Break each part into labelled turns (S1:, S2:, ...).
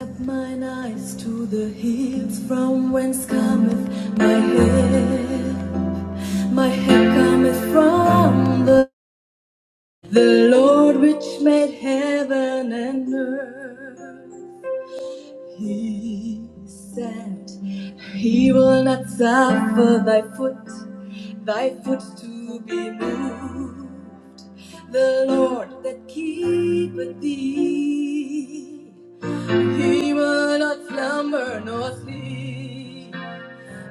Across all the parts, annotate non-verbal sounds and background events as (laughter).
S1: Set mine eyes to the hills from whence cometh my help. My help cometh from the, the Lord which made heaven and earth. He said, He will not suffer thy foot, thy foot to be moved. The Lord that keepeth thee. He will not slumber nor sleep.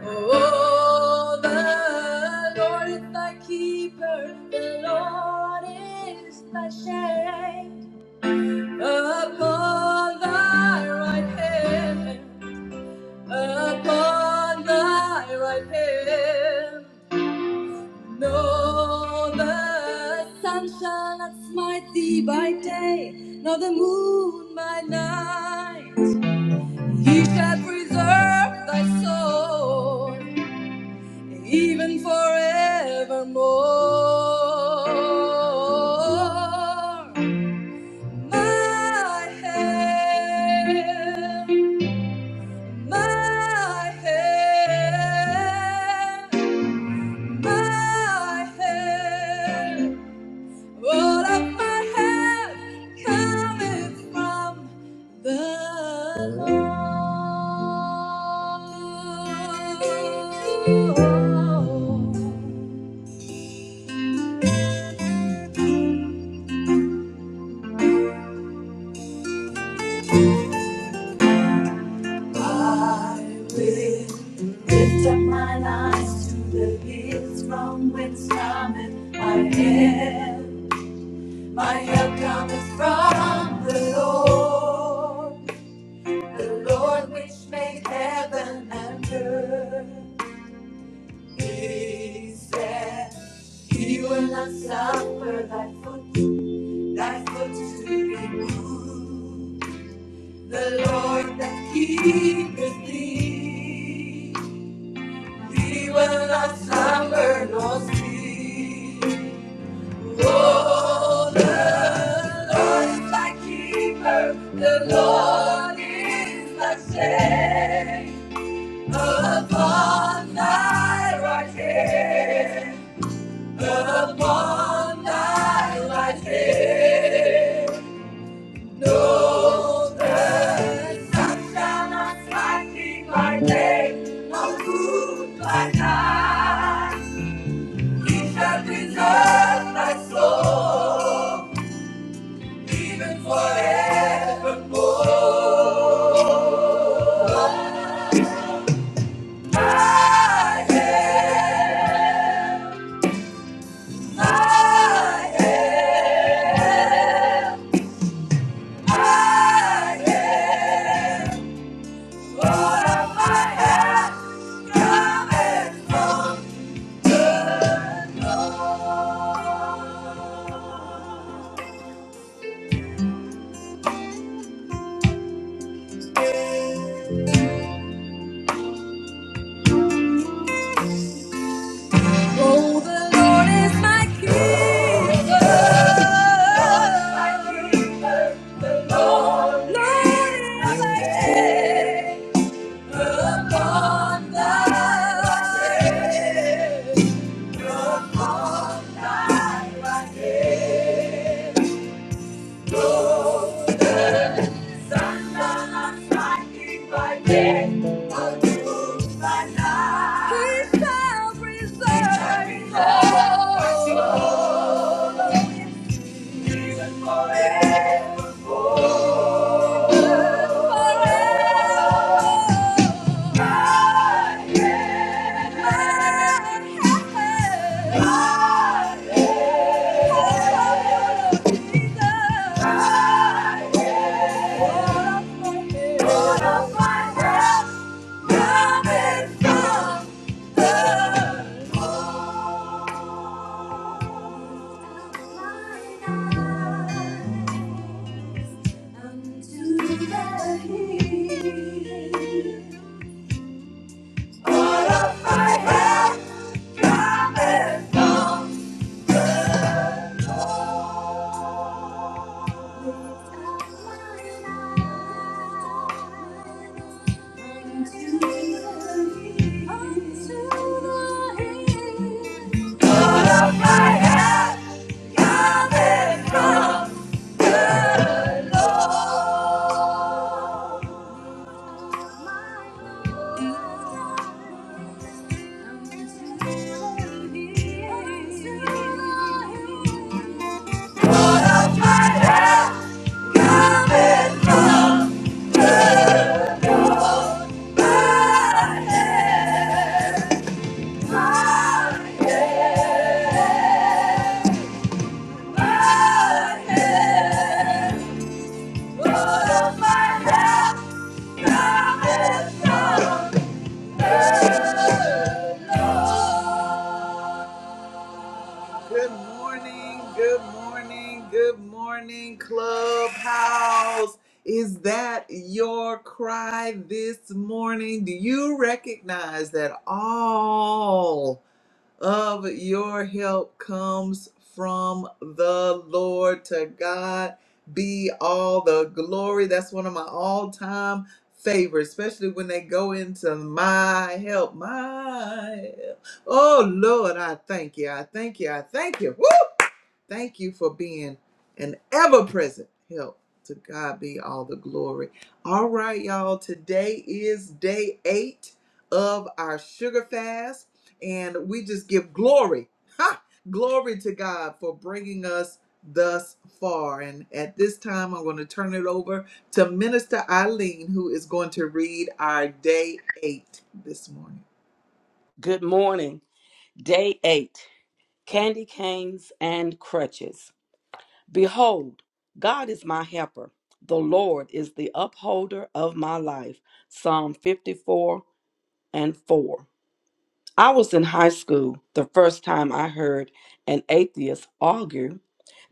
S1: Oh, the Lord is thy keeper. The Lord is thy shade upon thy right hand. Upon thy right hand. No, the sun shall not smite thee by day, nor the moon by night. He shall preserve thy soul even forevermore. My head, my head, my head. All of my help coming from the Lord? I will lift up mine eyes to the hills from whence cometh my help. My help cometh from the Lord, the Lord which made heaven and earth. He said he will not suffer thy foot, thy foot to be moved. The Lord that keepeth thee, he will not suffer nor sleep. Oh, the Lord is thy keeper, the Lord is thy shade upon thy right hand. The one I like him knows that sunshine not lightning by day, no moon by night. He shall preserve thy soul, even forevermore. I am, I am. I am what I have gotten from the Lord. Oh, the Lord is my keeper. The Lord is my keeper. Lord is my head. Upon thy head. He shall preserve. Coming from the up my eyes, into the heat. All of my heaven, God is conquered. Up my eyes, into the heat. Into the heat. All of my heaven, God is conquered. Lord. Yeah. Good morning, good morning, good morning, Clubhouse. Is that your cry this morning? Do you recognize that all? of your help comes from the Lord. To God be all the glory. That's one of my all time favorites, especially when they go into my help. My help. Oh, Lord, I thank you. I thank you. I thank you. Woo! Thank you for being an ever present help. To God be all the glory. All right, y'all. Today is day eight of our sugar fast, and we just give glory. (laughs) Ha! Glory to God for bringing us thus far. And at this time, I'm going to turn it over to Minister Eileen, who is going to read our day eight this morning.
S2: Good morning. Day 8 Candy Canes and Crutches. Behold, God is my helper. The Lord is the upholder of my life. Psalm 54 and 4. I was in high school the first time I heard an atheist argue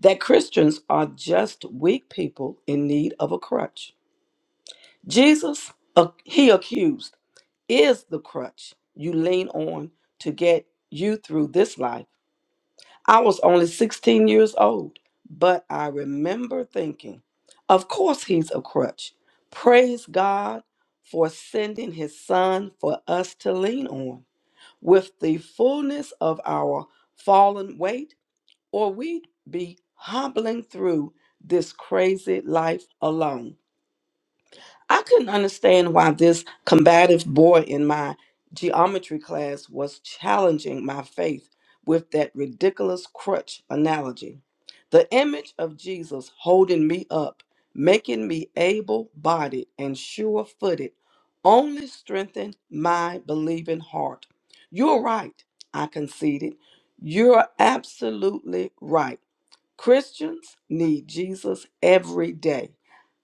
S2: that Christians are just weak people in need of a crutch. Jesus, uh, he accused, is the crutch you lean on to get you through this life I was only 16 years old, but I remember thinking, of course he's a crutch. Praise God for sending his son for us to lean on. With the fullness of our fallen weight, or we'd be hobbling through this crazy life alone. I couldn't understand why this combative boy in my geometry class was challenging my faith with that ridiculous crutch analogy. The image of Jesus holding me up, making me able bodied and sure footed, only strengthened my believing heart. You're right, I conceded. You're absolutely right. Christians need Jesus every day.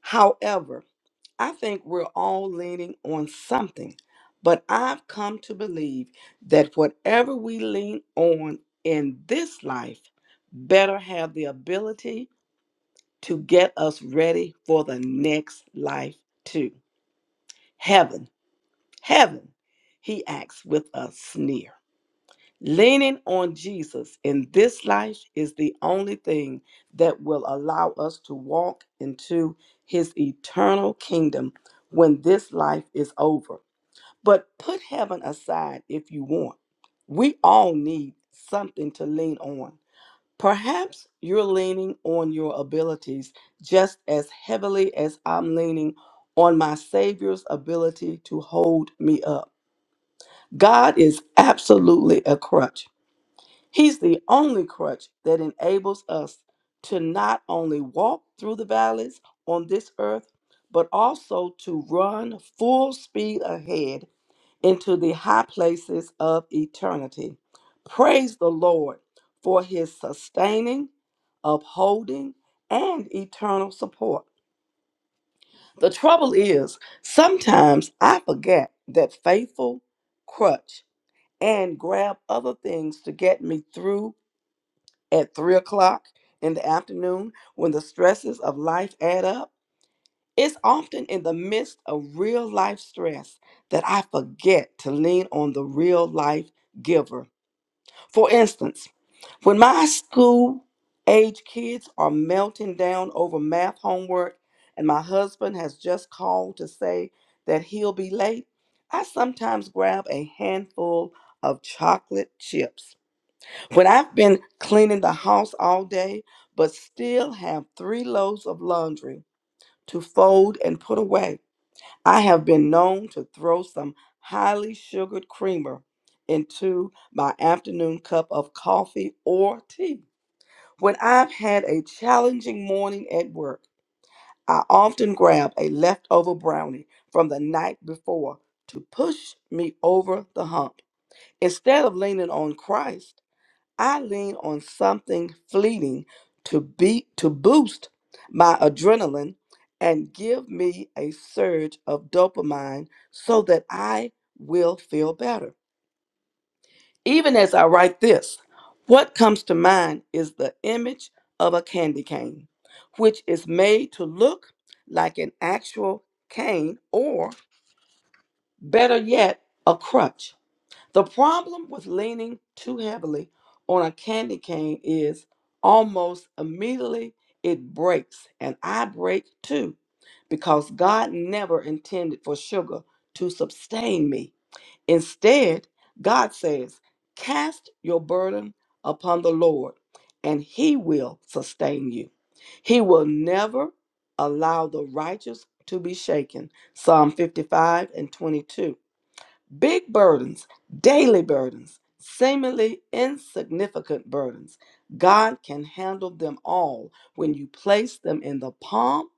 S2: However, I think we're all leaning on something, but I've come to believe that whatever we lean on in this life better have the ability to get us ready for the next life too. Heaven, heaven, he acts with a sneer. Leaning on Jesus in this life is the only thing that will allow us to walk into his eternal kingdom when this life is over but put heaven aside if you want. We all need something to lean on. Perhaps you're leaning on your abilities just as heavily as I'm leaning on my Savior's ability to hold me up. God is absolutely a crutch. He's the only crutch that enables us to not only walk through the valleys on this earth, but also to run full speed ahead into the high places of eternity. Praise the Lord for his sustaining, upholding, and eternal support. The trouble is, sometimes I forget that faithful crutch and grab other things to get me through at three o'clock in the afternoon when the stresses of life add up. It's often in the midst of real life stress that I forget to lean on the real life giver. For instance, when my school age kids are melting down over math homework and my husband has just called to say that he'll be late, I sometimes grab a handful of chocolate chips. When I've been cleaning the house all day but still have three loads of laundry to fold and put away, I have been known to throw some highly sugared creamer into my afternoon cup of coffee or tea. When I've had a challenging morning at work, I often grab a leftover brownie from the night before to push me over the hump. Instead of leaning on Christ, I lean on something fleeting to be to boost my adrenaline and give me a surge of dopamine so that I will feel better. Even as I write this, what comes to mind is the image of a candy cane, which is made to look like an actual cane or better yet, a crutch. The problem with leaning too heavily on a candy cane is almost immediately it breaks, and I break too, because God never intended for sugar to sustain me. Instead, God says, Cast your burden upon the Lord, and He will sustain you. He will never allow the righteous to be shaken. Psalm 55 and 22. Big burdens, daily burdens, seemingly insignificant burdens. God can handle them all when you place them in the palm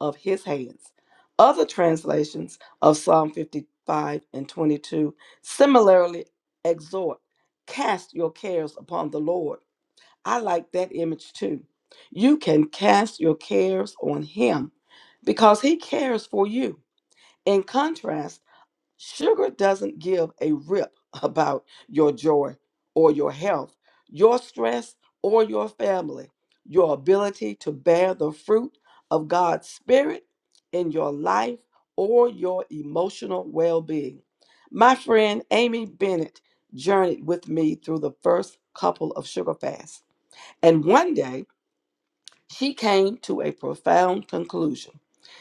S2: of his hands. Other translations of Psalm 55 and 22 similarly exhort, cast your cares upon the Lord. I like that image too. You can cast your cares on him because he cares for you. In contrast, Sugar doesn't give a rip about your joy or your health, your stress or your family, your ability to bear the fruit of God's Spirit in your life or your emotional well being. My friend Amy Bennett journeyed with me through the first couple of sugar fasts. And one day, she came to a profound conclusion.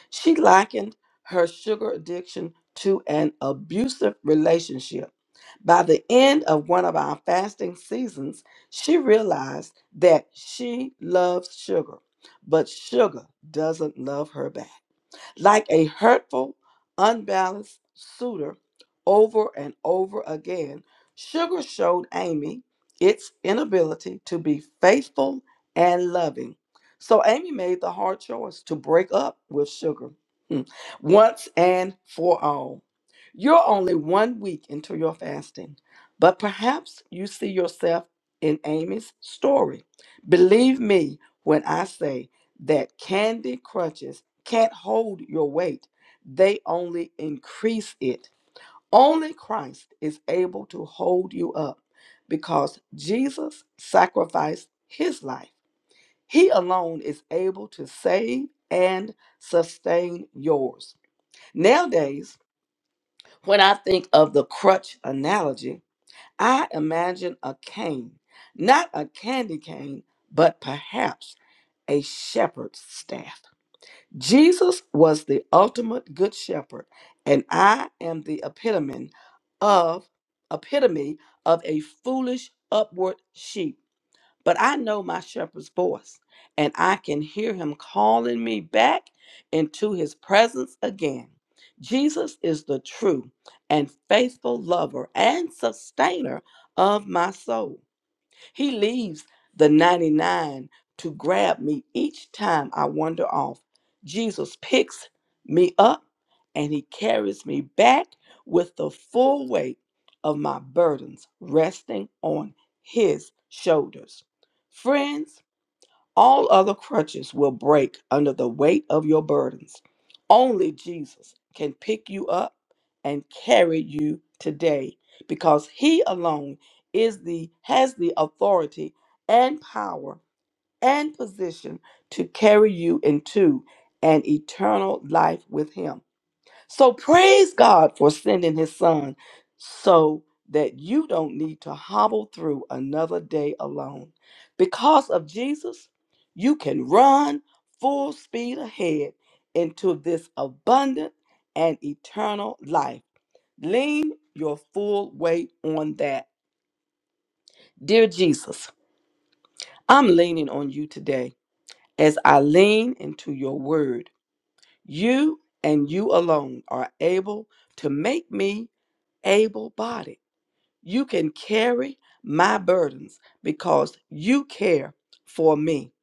S2: She likened her sugar addiction to an abusive relationship. By the end of one of our fasting seasons, she realized that she loves sugar, but sugar doesn't love her back like a hurtful, unbalanced suitor over and over again, Sugar showed Amy its inability to be faithful and loving. So Amy made the hard choice to break up with Sugar hmm, once and for all. You're only one week into your fasting, but perhaps you see yourself in Amy's story. Believe me when I say that Candy Crutches can't hold your weight, they only increase it. Only Christ is able to hold you up because Jesus sacrificed his life. He alone is able to save and sustain yours. Nowadays, when I think of the crutch analogy, I imagine a cane, not a candy cane, but perhaps a shepherd's staff. Jesus was the ultimate good shepherd, and I am the epitome of epitome of a foolish upward sheep. But I know my shepherd's voice, and I can hear him calling me back into his presence again. Jesus is the true and faithful lover and sustainer of my soul. He leaves the 99 to grab me each time I wander off. Jesus picks me up and he carries me back with the full weight of my burdens resting on his shoulders. Friends, all other crutches will break under the weight of your burdens. Only Jesus can pick you up and carry you today because he alone is the has the authority and power and position to carry you into an eternal life with him. So praise God for sending his son so that you don't need to hobble through another day alone. Because of Jesus, you can run full speed ahead into this abundant and eternal life. Lean your full weight on that. Dear Jesus, I'm leaning on you today as I lean into your word. You and you alone are able to make me able bodied. You can carry my burdens because you care for me.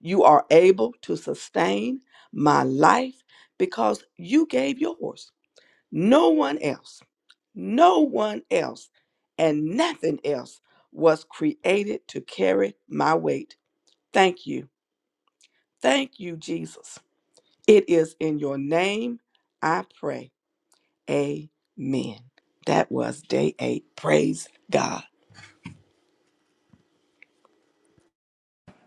S2: You are able to sustain my life because you gave yours. No one else, no one else, and nothing else was created to carry my weight. Thank you. Thank you, Jesus. It is in your name I pray. Amen. That was day eight. Praise God.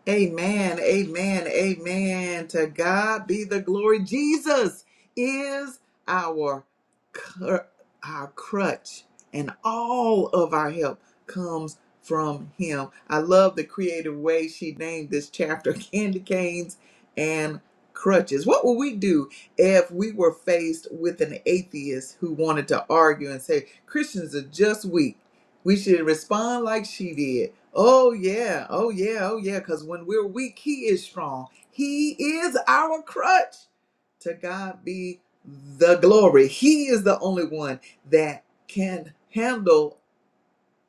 S1: Amen, amen, amen. To God be the glory. Jesus is our cr- our crutch, and all of our help comes from Him. I love the creative way she named this chapter: (laughs) candy canes and crutches. What would we do if we were faced with an atheist who wanted to argue and say Christians are just weak? We should respond like she did. Oh yeah, oh yeah, oh yeah. Because when we're weak, He is strong. He is our crutch. To God be the glory. He is the only one that can handle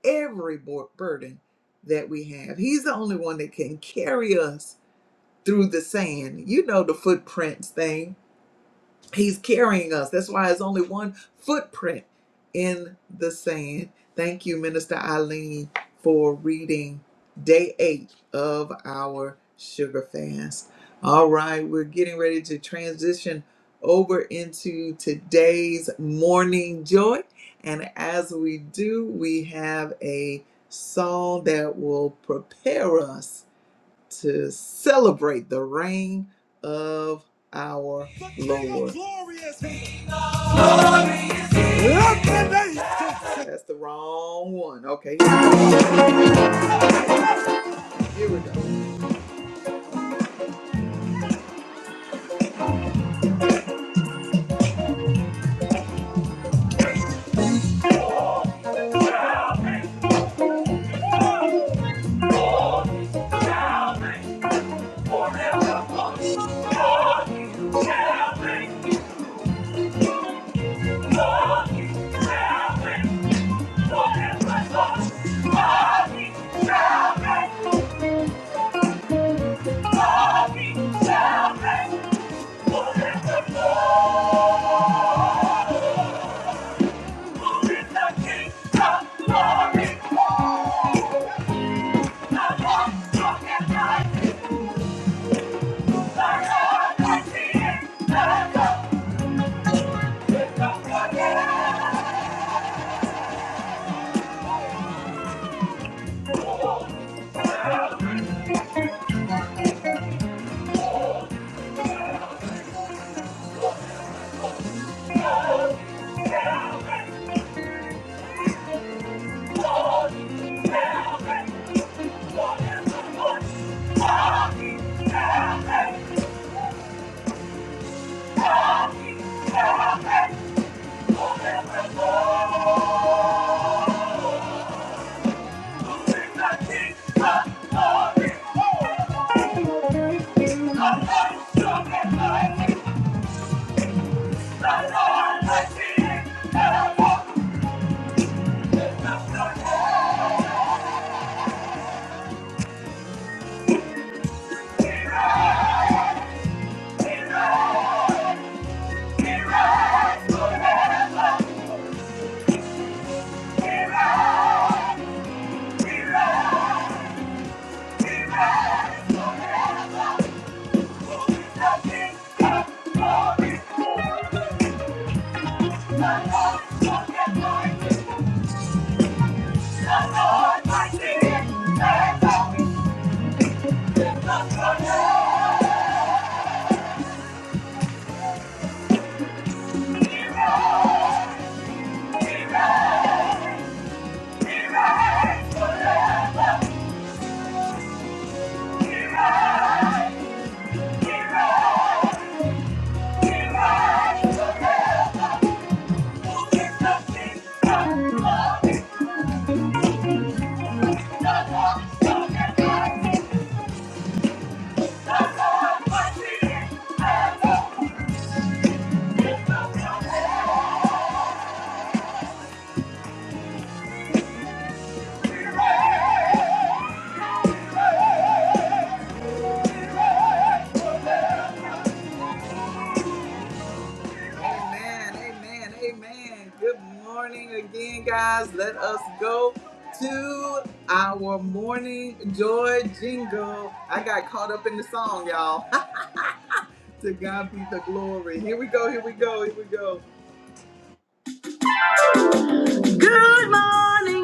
S1: every bur- burden that we have. He's the only one that can carry us through the sand. You know the footprints thing He's carrying us. That's why it's only one footprint in the sand. Thank you, Minister Eileen, for reading day eight of our sugar fast. All right, we're getting ready to transition over into today's morning joy. And as we do, we have a song that will prepare us to celebrate the reign of our Lord. That's the wrong one. Okay, here we go. (laughs) Amen. Amen. Amen. Good morning again, guys. Let us go to our morning joy jingle. I got caught up in the song, y'all. (laughs) to God be the glory. Here we go. Here we go. Here we go. Morning.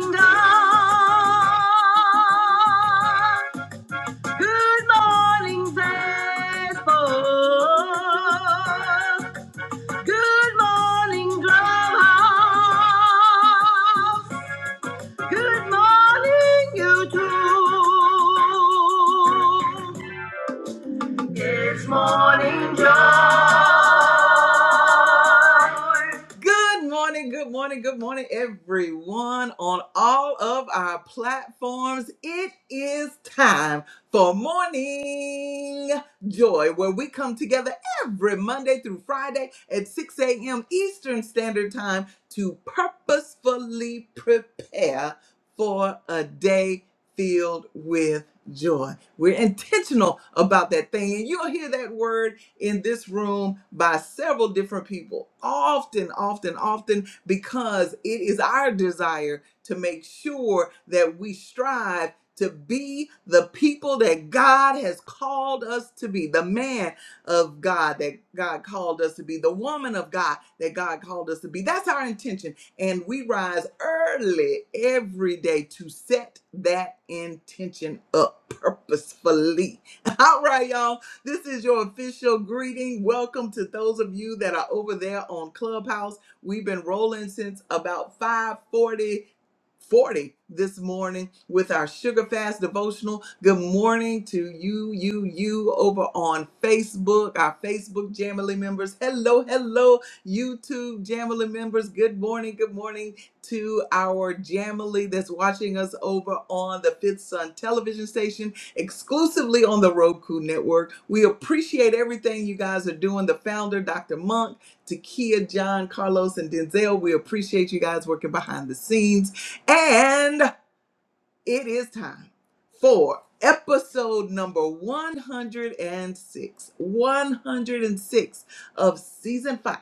S1: Good morning, good morning, good morning, everyone on all of our platforms. It is time for Morning Joy, where we come together every Monday through Friday at 6 a.m. Eastern Standard Time to purposefully prepare for a day filled with joy. We're intentional about that thing, and you'll hear that word in this room by several different people, often, often, often, because it is our desire to make sure that we strive to be the people that God has called us to be, the man of God that God called us to be, the woman of God that God called us to be. That's our intention. And we rise early every day to set that intention up purposefully. (laughs) All right, y'all. This is your official greeting. Welcome to those of you that are over there on Clubhouse. We've been rolling since about 540 this morning with our sugar fast devotional. Good morning to you, you, you over on Facebook, our Facebook Jamily members. Hello, hello, YouTube Jamily members. Good morning, good morning to our Jamily that's watching us over on the Fifth Sun television station exclusively on the Roku network. We appreciate everything you guys are doing. The founder, Dr. Monk, Takia, John, Carlos, and Denzel. We appreciate you guys working behind the scenes. And it is time for episode number 106. 106 of season 5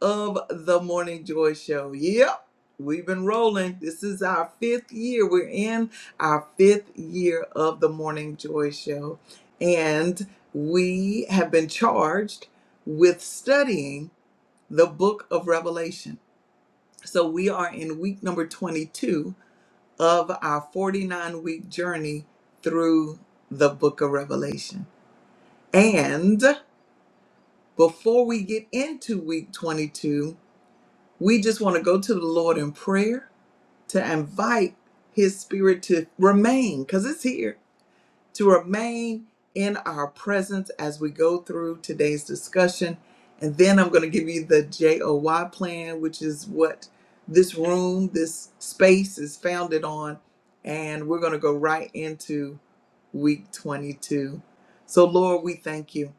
S1: of the Morning Joy Show. Yep, we've been rolling. This is our fifth year. We're in our fifth year of the Morning Joy Show. And we have been charged with studying the book of Revelation. So we are in week number 22 of our 49 week journey through the book of Revelation. And before we get into week 22, We just want to go to the Lord in prayer to invite His Spirit to remain, because it's here, to remain in our presence as we go through today's discussion. And then I'm going to give you the JOY plan, which is what this room, this space is founded on. And we're going to go right into week 22. So, Lord, we thank you.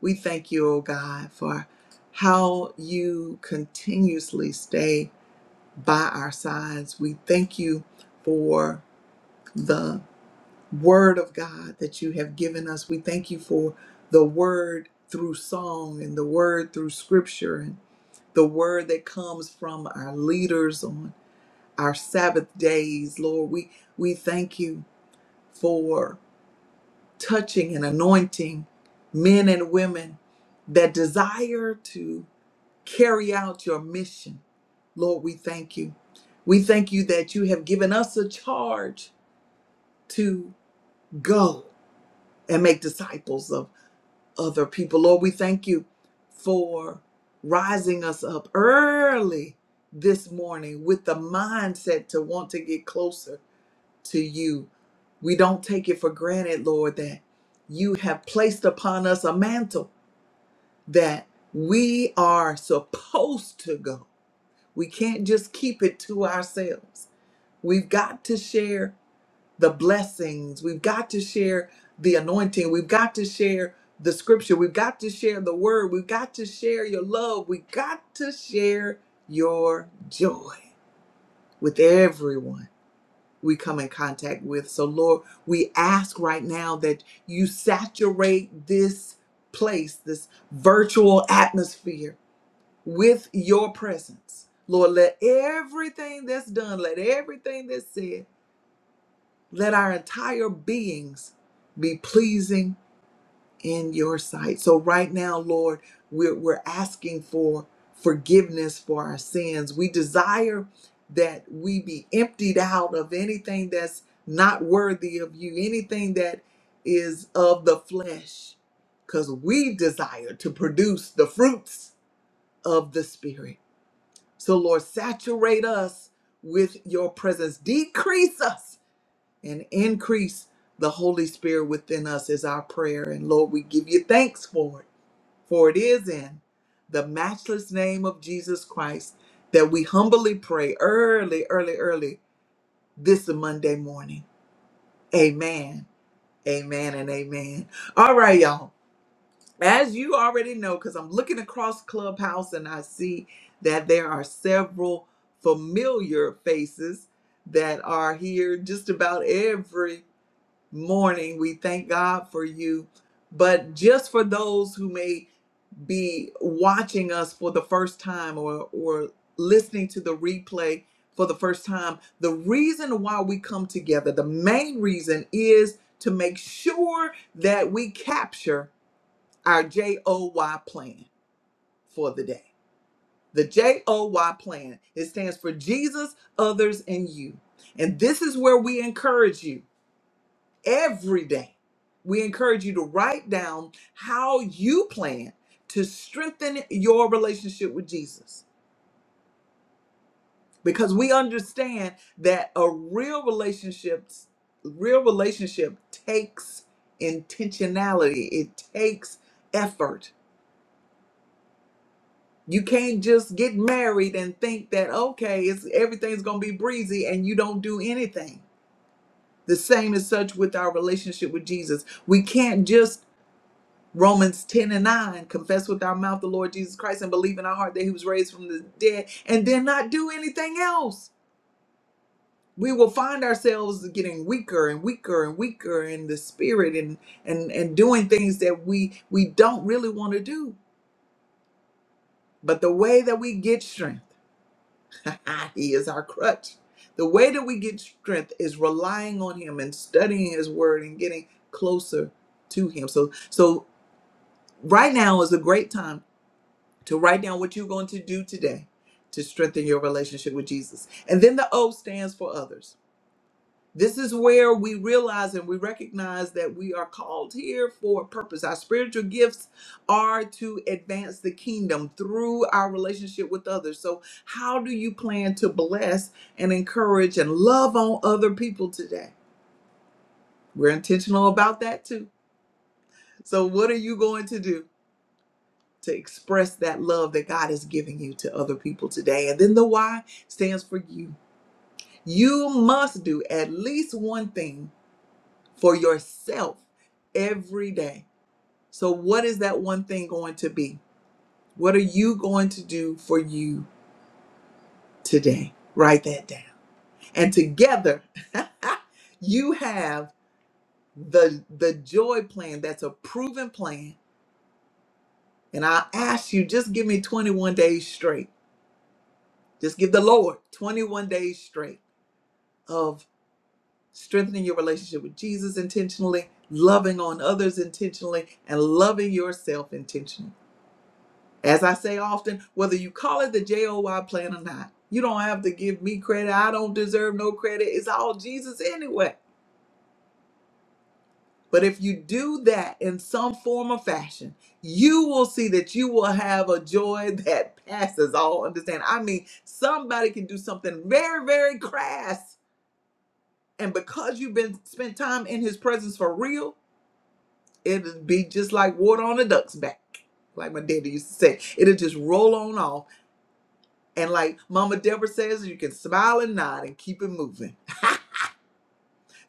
S1: We thank you, oh God, for how you continuously stay by our sides. We thank you for the word of God that you have given us. We thank you for the word through song and the word through scripture and the word that comes from our leaders on our Sabbath days. Lord, we, we thank you for touching and anointing men and women that desire to. carry out your mission. Lord, we thank you. We thank you that you have given us a charge to go and make disciples of other people. Lord, we thank you for rising us up early this morning with the mindset to want to get closer to you. We don't take it for granted, Lord, that you have placed upon us a mantle that we are supposed to go We can't just keep it to ourselves. We've got to share the blessings. We've got to share the anointing. We've got to share the scripture. We've got to share the word. We've got to share your love. We've got to share your joy with everyone we come in contact with. So, Lord, we ask right now that you saturate this place, this virtual atmosphere with your presence. Lord, let everything that's done, let everything that's said, let our entire beings be pleasing in your sight. So right now, Lord, we're, we're asking for forgiveness for our sins. We desire that we be emptied out of anything that's not worthy of you, anything that is of the flesh, because we desire to produce the fruits of the Spirit. So, Lord, saturate us with your presence. Decrease us and increase the Holy Spirit within us is our prayer. And Lord, we give you thanks for it, for it is in the matchless name of Jesus Christ that we humbly pray early, early, early this Monday morning. Amen. Amen and amen. All right, y'all. As you already know, because I'm looking across Clubhouse and I see that there are several familiar faces that are here just about every morning. We thank God for you. But just for those who may be watching us for the first time or, or listening to the replay for the first time, the reason why we come together, the main reason is to make sure that we capture our JOY plan for the day. The JOY plan, it stands for Jesus, others, and you. And this is where we encourage you every day. We encourage you to write down how you plan to strengthen your relationship with Jesus because we understand that a real relationship real relationship takes intentionality. It takes effort You can't just get married and think that okay, it's everything's going to be breezy and you don't do anything. The same is such with our relationship with Jesus. We can't just Romans 10 and 9 confess with our mouth the Lord Jesus Christ and believe in our heart that he was raised from the dead and then not do anything else. We will find ourselves getting weaker and weaker and weaker in the spirit and and and doing things that we we don't really want to do. But the way that we get strength (laughs) he is our crutch. The way that we get strength is relying on him and studying his word and getting closer to him. So so right now is a great time to write down what you're going to do today to strengthen your relationship with Jesus. And then the O stands for others. This is where we realize and we recognize that we are called here for a purpose. Our spiritual gifts are to advance the kingdom through our relationship with others. So, how do you plan to bless and encourage and love on other people today? We're intentional about that too. So, what are you going to do to express that love that God is giving you to other people today? And then the why stands for you. You must do at least one thing for yourself every day. So, what is that one thing going to be? What are you going to do for you today? Write that down. And together, (laughs) you have the the joy plan that's a proven plan. And I ask you, just give me 21 days straight. Just give the Lord 21 days straight of strengthening your relationship with Jesus intentionally, loving on others intentionally, and loving yourself intentionally As I say often, whether you call it the JOY plan or not, you don't have to give me credit. I don't deserve no credit. It's all Jesus anyway. But if you do that in some form or fashion, you will see that you will have a joy (laughs) that passes all understanding. I mean, somebody can do something very, very crass. And because you've been spent time in his presence for real, it'll be just like water on a duck's back. Like my daddy used to say, it'll just roll on off And like Mama Deborah says, you can smile and nod and keep it moving.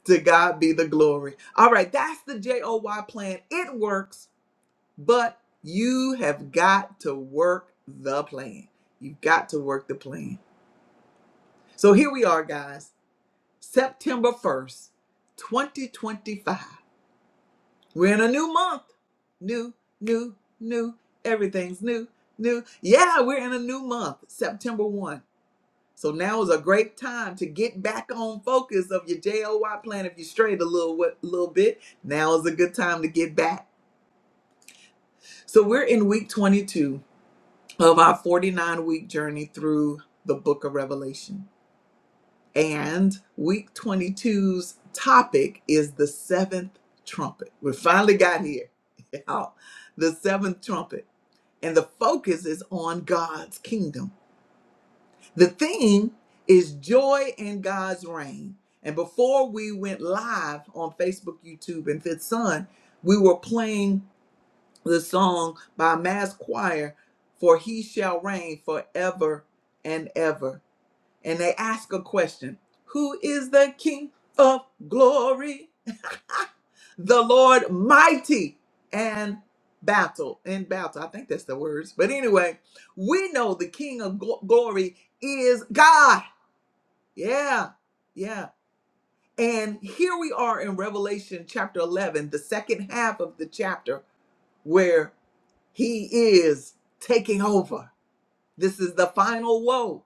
S1: To God be the glory. All right, that's the JOY plan. It works, but you have got to work the plan. You've got to work the plan. So here we are, guys. September 1st, 2025. We're in a new month. New, new, new. Everything's new, new. Yeah, we're in a new month, September 1. So now is a great time to get back on focus of your JOY plan. If you strayed a little wi- little bit, now is a good time to get back. So we're in week 22 of our 49 week journey through the book of Revelation. And week 22's topic is the seventh trumpet. We finally got here. (laughs) Y'all, The seventh trumpet. And the focus is on God's kingdom The theme is joy in God's reign. And before we went live on Facebook, YouTube, and Fifth Sun, we were playing the song by Mass Choir, For He Shall Reign Forever and Ever. And they ask a question Who is the King of Glory? The Lord Mighty and battle in battle i think that's the words but anyway we know the king of glo- glory is god yeah, yeah. And here we are in Revelation chapter 11, the second half of the chapter where he is taking over. This is the final woe.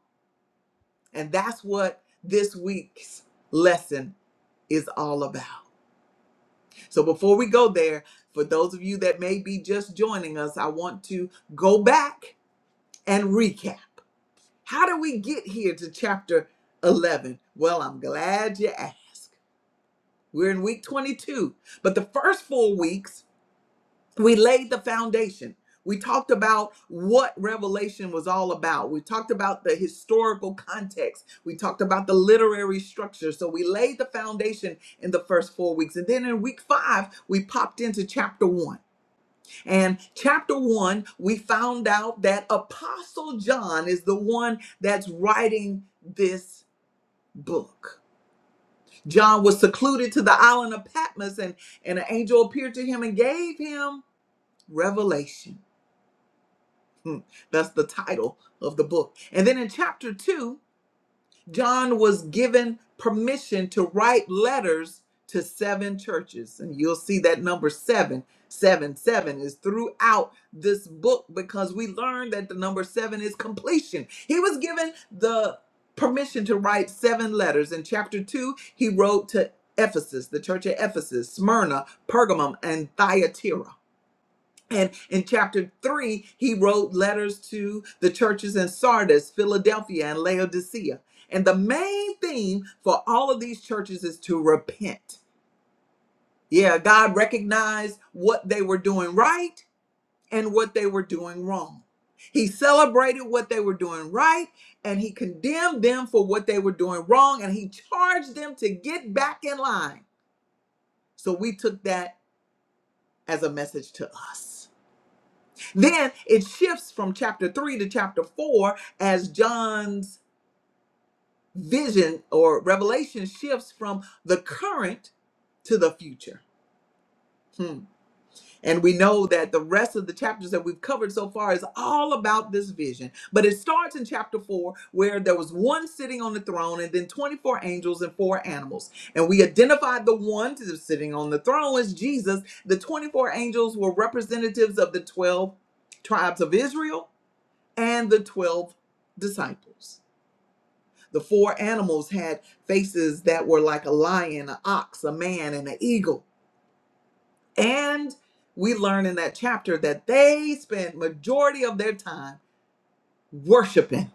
S1: And that's what this week's lesson is all about. So before we go there, for those of you that may be just joining us, I want to go back and recap. How do we get here to chapter 11? Well, I'm glad you asked. We're in week 22. But the first four weeks, we laid the foundation. We talked about what Revelation was all about. We talked about the historical context. We talked about the literary structure. So we laid the foundation in the first four weeks. And then in week five, we popped into chapter one. And chapter one, we found out that Apostle John is the one that's writing this book. John was secluded to the island of Patmos, and, and an angel appeared to him and gave him revelation. Hmm, That's the title of the book. And then in chapter 2, John was given permission to write letters to seven churches. And you'll see that number seven, seven, seven is throughout this book because we learned that the number seven is completion. He was given the permission to write seven letters. In chapter two, he wrote to Ephesus, the church at Ephesus, Smyrna, Pergamum, and Thyatira. And in chapter three, he wrote letters to the churches in Sardis, Philadelphia, and Laodicea. And the main theme for all of these churches is to repent. Yeah, God recognized what they were doing right and what they were doing wrong. He celebrated what they were doing right and he condemned them for what they were doing wrong and he charged them to get back in line. So we took that as a message to us. Then it shifts from chapter 3 to chapter 4 as John's vision or revelation shifts from the current to the future. Hmm. And we know that the rest of the chapters that we've covered so far is all about this vision. But it starts in chapter 4 where there was one sitting on the throne and then 24 angels and four animals. And we identified the one that is sitting on the throne as Jesus. The 24 angels were representatives of the 12 tribes of Israel and the 12 disciples. The four animals had faces that were like a lion, an ox, a man, and an eagle. And we learn in that chapter that they spent majority of their time worshiping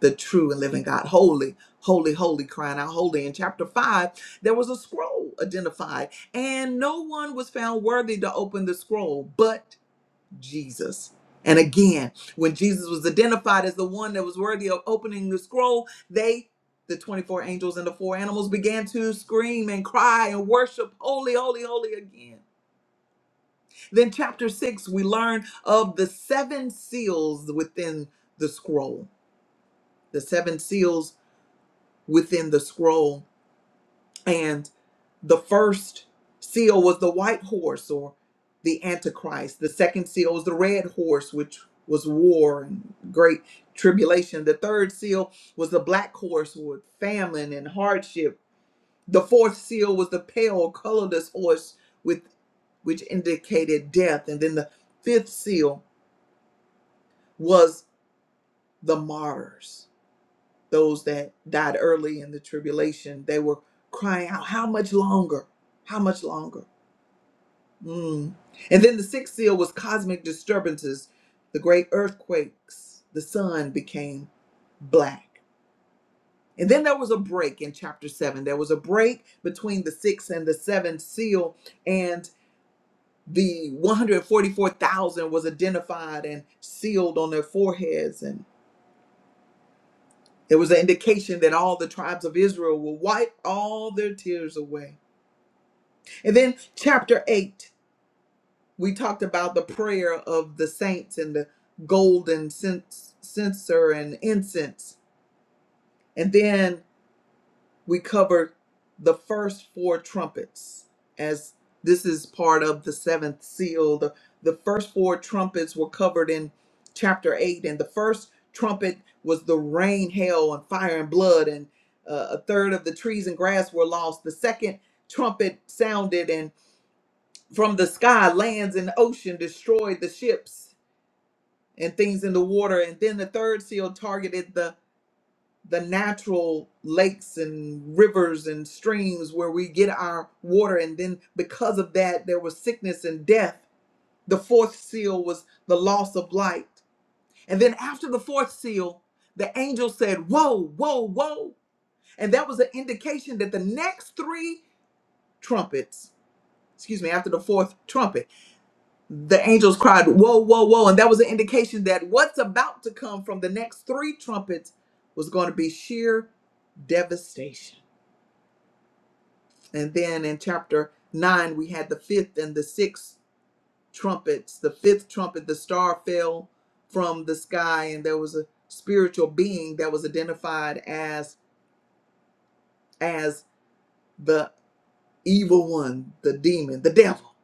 S1: the true and living God. Holy, holy, holy, crying out holy. In chapter 5, there was a scroll identified, and no one was found worthy to open the scroll but Jesus. And again, when Jesus was identified as the one that was worthy of opening the scroll, they, the 24 angels and the four animals, began to scream and cry and worship, holy, holy, holy again. Then, chapter six, we learn of the seven seals within the scroll, the seven seals within the scroll. the first seal was the white horse or the antichrist the second seal was the red horse which was war and great tribulation the third seal was the black horse with famine and hardship the fourth seal was the pale colorless horse with which indicated death and then the fifth seal was the martyrs those that died early in the tribulation they were crying out how much longer how much longer Mm. And then the sixth seal was cosmic disturbances, the great earthquakes. The sun became black. And then there was a break in chapter seven. There was a break between the sixth and the seventh seal, and the 144,000 was identified and sealed on their foreheads. And there was an indication that all the tribes of Israel will wipe all their tears away. And then chapter eight. we talked about the prayer of the saints and the golden cens- censer and incense. And then we covered the first four trumpets, as this is part of the seventh seal. The, the first four trumpets were covered in chapter 8. And the first trumpet was the rain, hail, and fire and blood. And uh, a third of the trees and grass were lost. The second trumpet sounded, and from the sky, lands and ocean destroyed the ships and things in the water. And then the third seal targeted the the natural lakes and rivers and streams where we get our water. And then because of that, there was sickness and death. The fourth seal was the loss of light. And then after the fourth seal, the angel said, Whoa, whoa, whoa. And that was an indication that the next three trumpets, excuse me, after the fourth trumpet the angels cried, Whoa, whoa, whoa. And that was an indication that what's about to come from the next three trumpets was going to be sheer devastation. And then in chapter 9, we had the fifth and the sixth trumpets. The fifth trumpet, the star fell from the sky, and there was a spiritual being that was identified as as the evil one, the demon, the devil.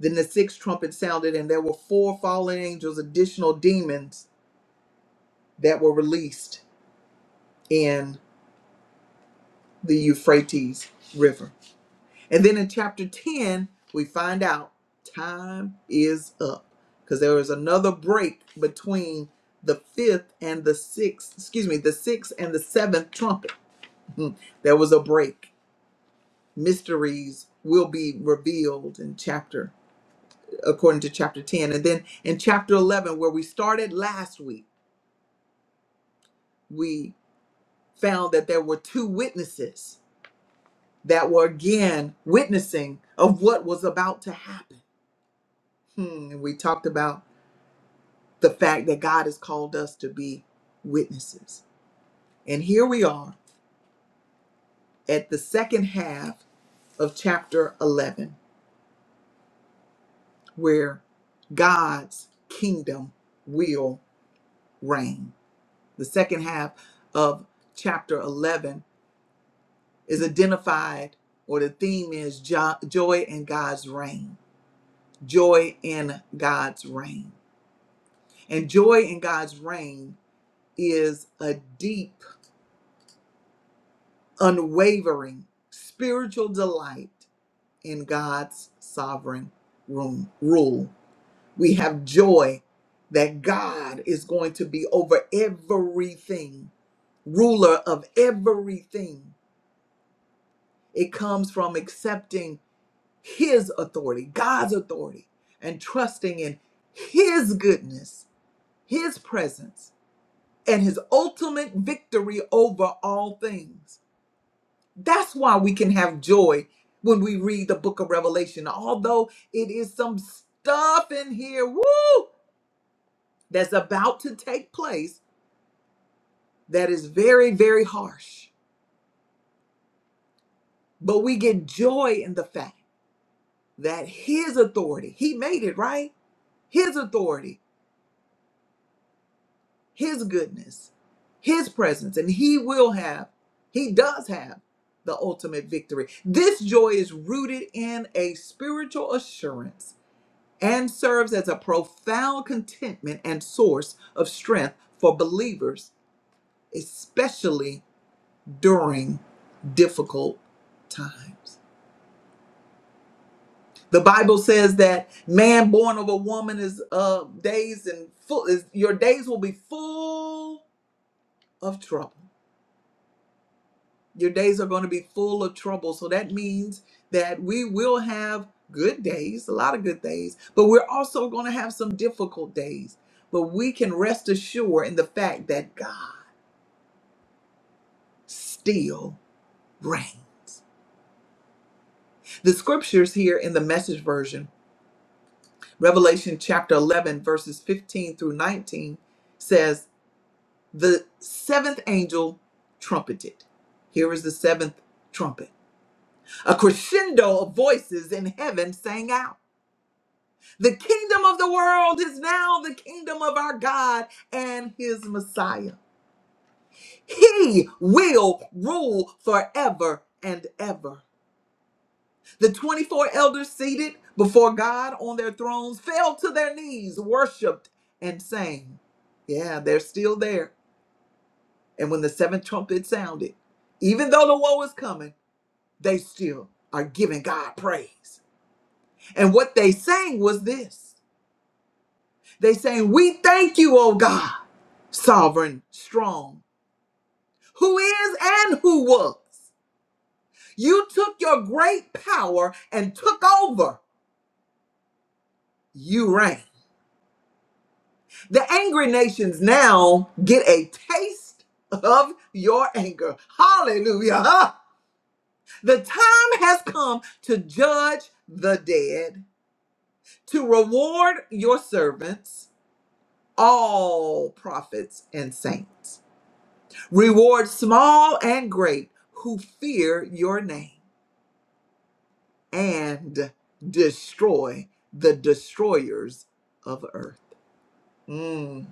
S1: Then the sixth trumpet sounded, and there were four fallen angels, additional demons that were released in the Euphrates River. And then in chapter 10, we find out time is up because there was another break between the fifth and the sixth, excuse me, the sixth and the seventh trumpet. Hmm, There was a break. Mysteries will be revealed in chapter, according to chapter 10. And then in chapter 11, where we started last week, we found that there were two witnesses that were again witnessing of what was about to happen. Hmm, and we talked about the fact that God has called us to be witnesses. And here we are at the second half of chapter 11, where God's kingdom will reign. The second half of chapter 11 is identified, or the theme is jo- joy in God's reign. Joy in God's reign. And joy in God's reign is a deep, unwavering spiritual delight in God's sovereign room, rule. We have joy that God is going to be over everything, ruler of everything. It comes from accepting His authority, God's authority, and trusting in His goodness, His presence and his ultimate victory over all things. That's why we can have joy when we read the book of Revelation. Although it is some stuff in here, woo, that's about to take place that is very, very harsh. But we get joy in the fact that his authority, he made it, right? His authority his goodness, his presence, and he will have, he does have the ultimate victory. This joy is rooted in a spiritual assurance and serves as a profound contentment and source of strength for believers, especially during difficult times. The Bible says that man born of a woman is uh days and full is your days will be full of trouble. Your days are going to be full of trouble. So that means that we will have good days, a lot of good days, but we're also going to have some difficult days. But we can rest assured in the fact that God still reigns. The scriptures here in the message version, Revelation chapter 11, verses 15 through 19, says, The seventh angel trumpeted. Here is the seventh trumpet. A crescendo of voices in heaven sang out. The kingdom of the world is now the kingdom of our God and his Messiah. He will rule forever and ever. The 24 elders seated before God on their thrones fell to their knees, worshiped, and sang. Yeah, they're still there. And when the seventh trumpet sounded, even though the woe is coming, they still are giving God praise. And what they sang was this they sang, We thank you, O God sovereign, strong, who is and who was. You took your great power and took over. You reign. The angry nations now get a taste of your anger. Hallelujah. (laughs) Ah, The time has come to judge the dead, to reward your servants, all prophets and saints. Reward small and great who fear your name. and destroy the destroyers of earth. Mm.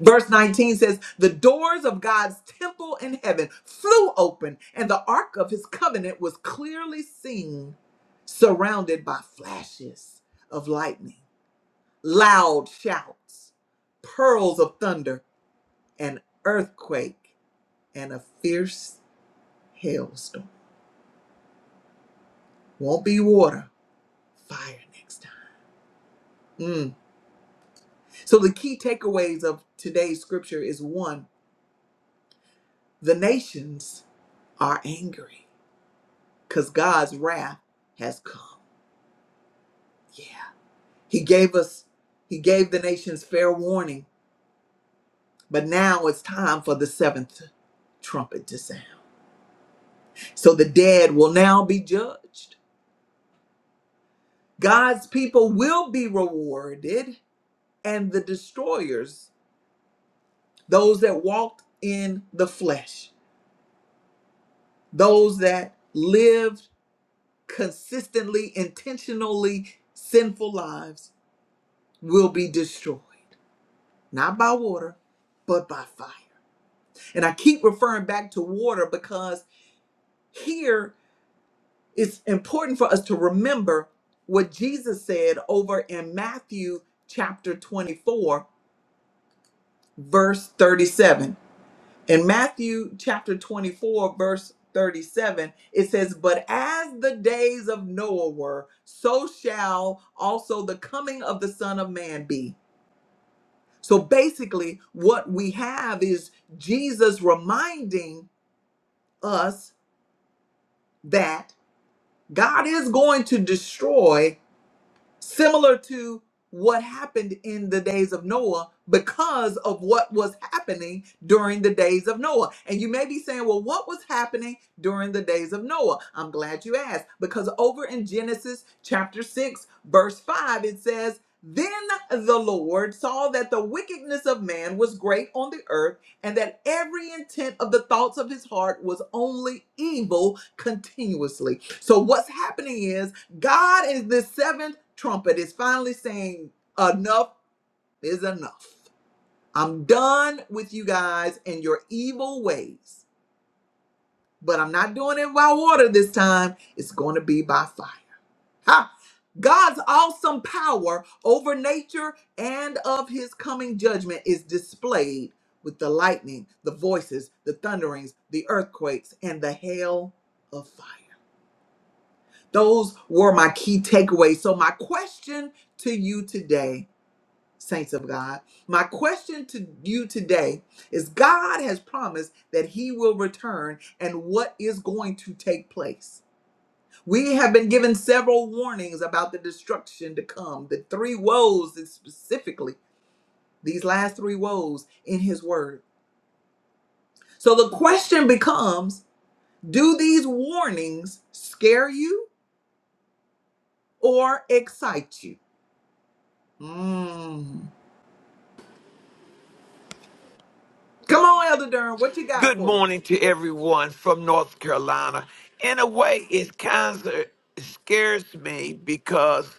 S1: Verse 19 says, The doors of God's temple in heaven flew open, and the ark of his covenant was clearly seen, surrounded by flashes of lightning, loud shouts, pearls of thunder, an earthquake, and a fierce hailstorm. Won't be water, fire next time. Mm. So the key takeaways of today's scripture is one, the nations are angry because God's wrath has come. Yeah. He gave us, he gave the nations fair warning, but now it's time for the seventh trumpet to sound. So the dead will now be judged. God's people will be rewarded, and the destroyers, those that walked in the flesh, those that lived consistently, intentionally sinful lives will be destroyed. Not by water, but by fire. And I keep referring back to water because here it's important for us to remember what Jesus said over in Matthew chapter 24, verse 37. In Matthew chapter 24, verse 37, it says, But as the days of Noah were, so shall also the coming of the Son of Man be. So basically, what we have is Jesus reminding us that God is going to destroy similar to what happened in the days of Noah because of what was happening during the days of Noah. And you may be saying, well, what was happening during the days of Noah? I'm glad you asked because over in Genesis chapter 6, verse 5, it says, then the Lord saw that the wickedness of man was great on the earth, and that every intent of the thoughts of his heart was only evil continuously. So, what's happening is God is the seventh trumpet is finally saying enough is enough. I'm done with you guys and your evil ways, but I'm not doing it by water this time. It's going to be by fire. Ha! God's awesome power over nature and of his coming judgment is displayed with the lightning, the voices, the thunderings, the earthquakes, and the hail of fire. Those were my key takeaways. So, my question to you today, saints of God, my question to you today is God has promised that He will return, and what is going to take place? We have been given several warnings about the destruction to come, the three woes and specifically, these last three woes in His Word. So, the question becomes do these warnings scare you or excite you? Mm. Come on, Elder Durham, what you got
S3: Good
S1: for us?
S3: morning to everyone from North Carolina. In a way, it kind of scares me because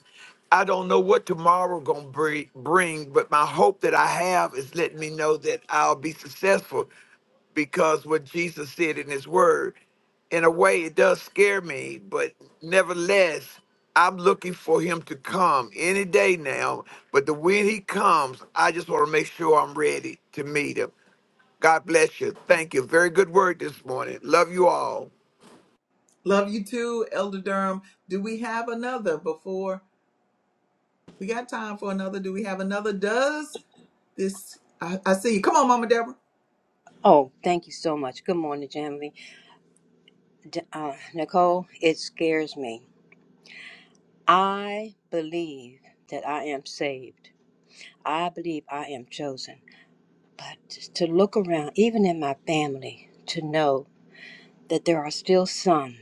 S3: I don't know what tomorrow gonna bri- bring, but my hope that I have is letting me know that I'll be successful because what Jesus said in his word. In a way, it does scare me, but nevertheless, I'm looking for him to come any day now. But the when he comes, I just want to make sure I'm ready to meet him. God bless you. Thank you. Very good word this morning. Love you all.
S1: Love you too, Elder Durham. Do we have another before we got time for another? Do we have another? Does this? I, I see you. Come on, Mama Deborah.
S4: Oh, thank you so much. Good morning, Jamily. D- Uh, Nicole, it scares me. I believe that I am saved. I believe I am chosen. But to look around, even in my family, to know that there are still some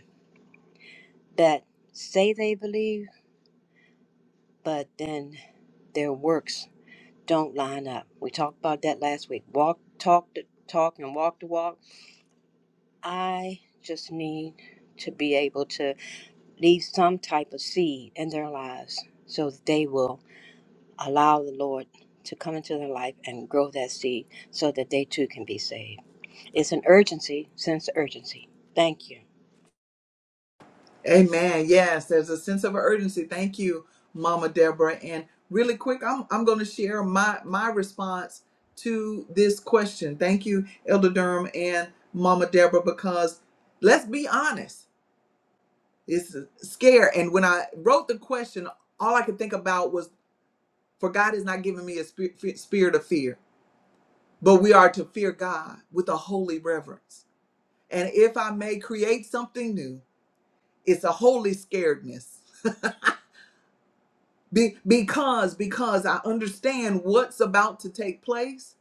S4: that say they believe, but then their works don't line up. We talked about that last week. Walk, talk the talk, and walk the walk. I just need to be able to leave some type of seed in their lives so that they will allow the Lord to come into their life and grow that seed so that they too can be saved. It's an urgency, sense of urgency. Thank you.
S1: Amen. Yes, there's a sense of urgency. Thank you, Mama Deborah. And really quick, I'm I'm going to share my my response to this question. Thank you, Elder Durham and Mama Deborah, because let's be honest, it's a scare. And when I wrote the question, all I could think about was For God has not given me a spi- spirit of fear, but we are to fear God with a holy reverence. And if I may create something new, it's a holy scaredness. Be- because because I understand what's about to take place,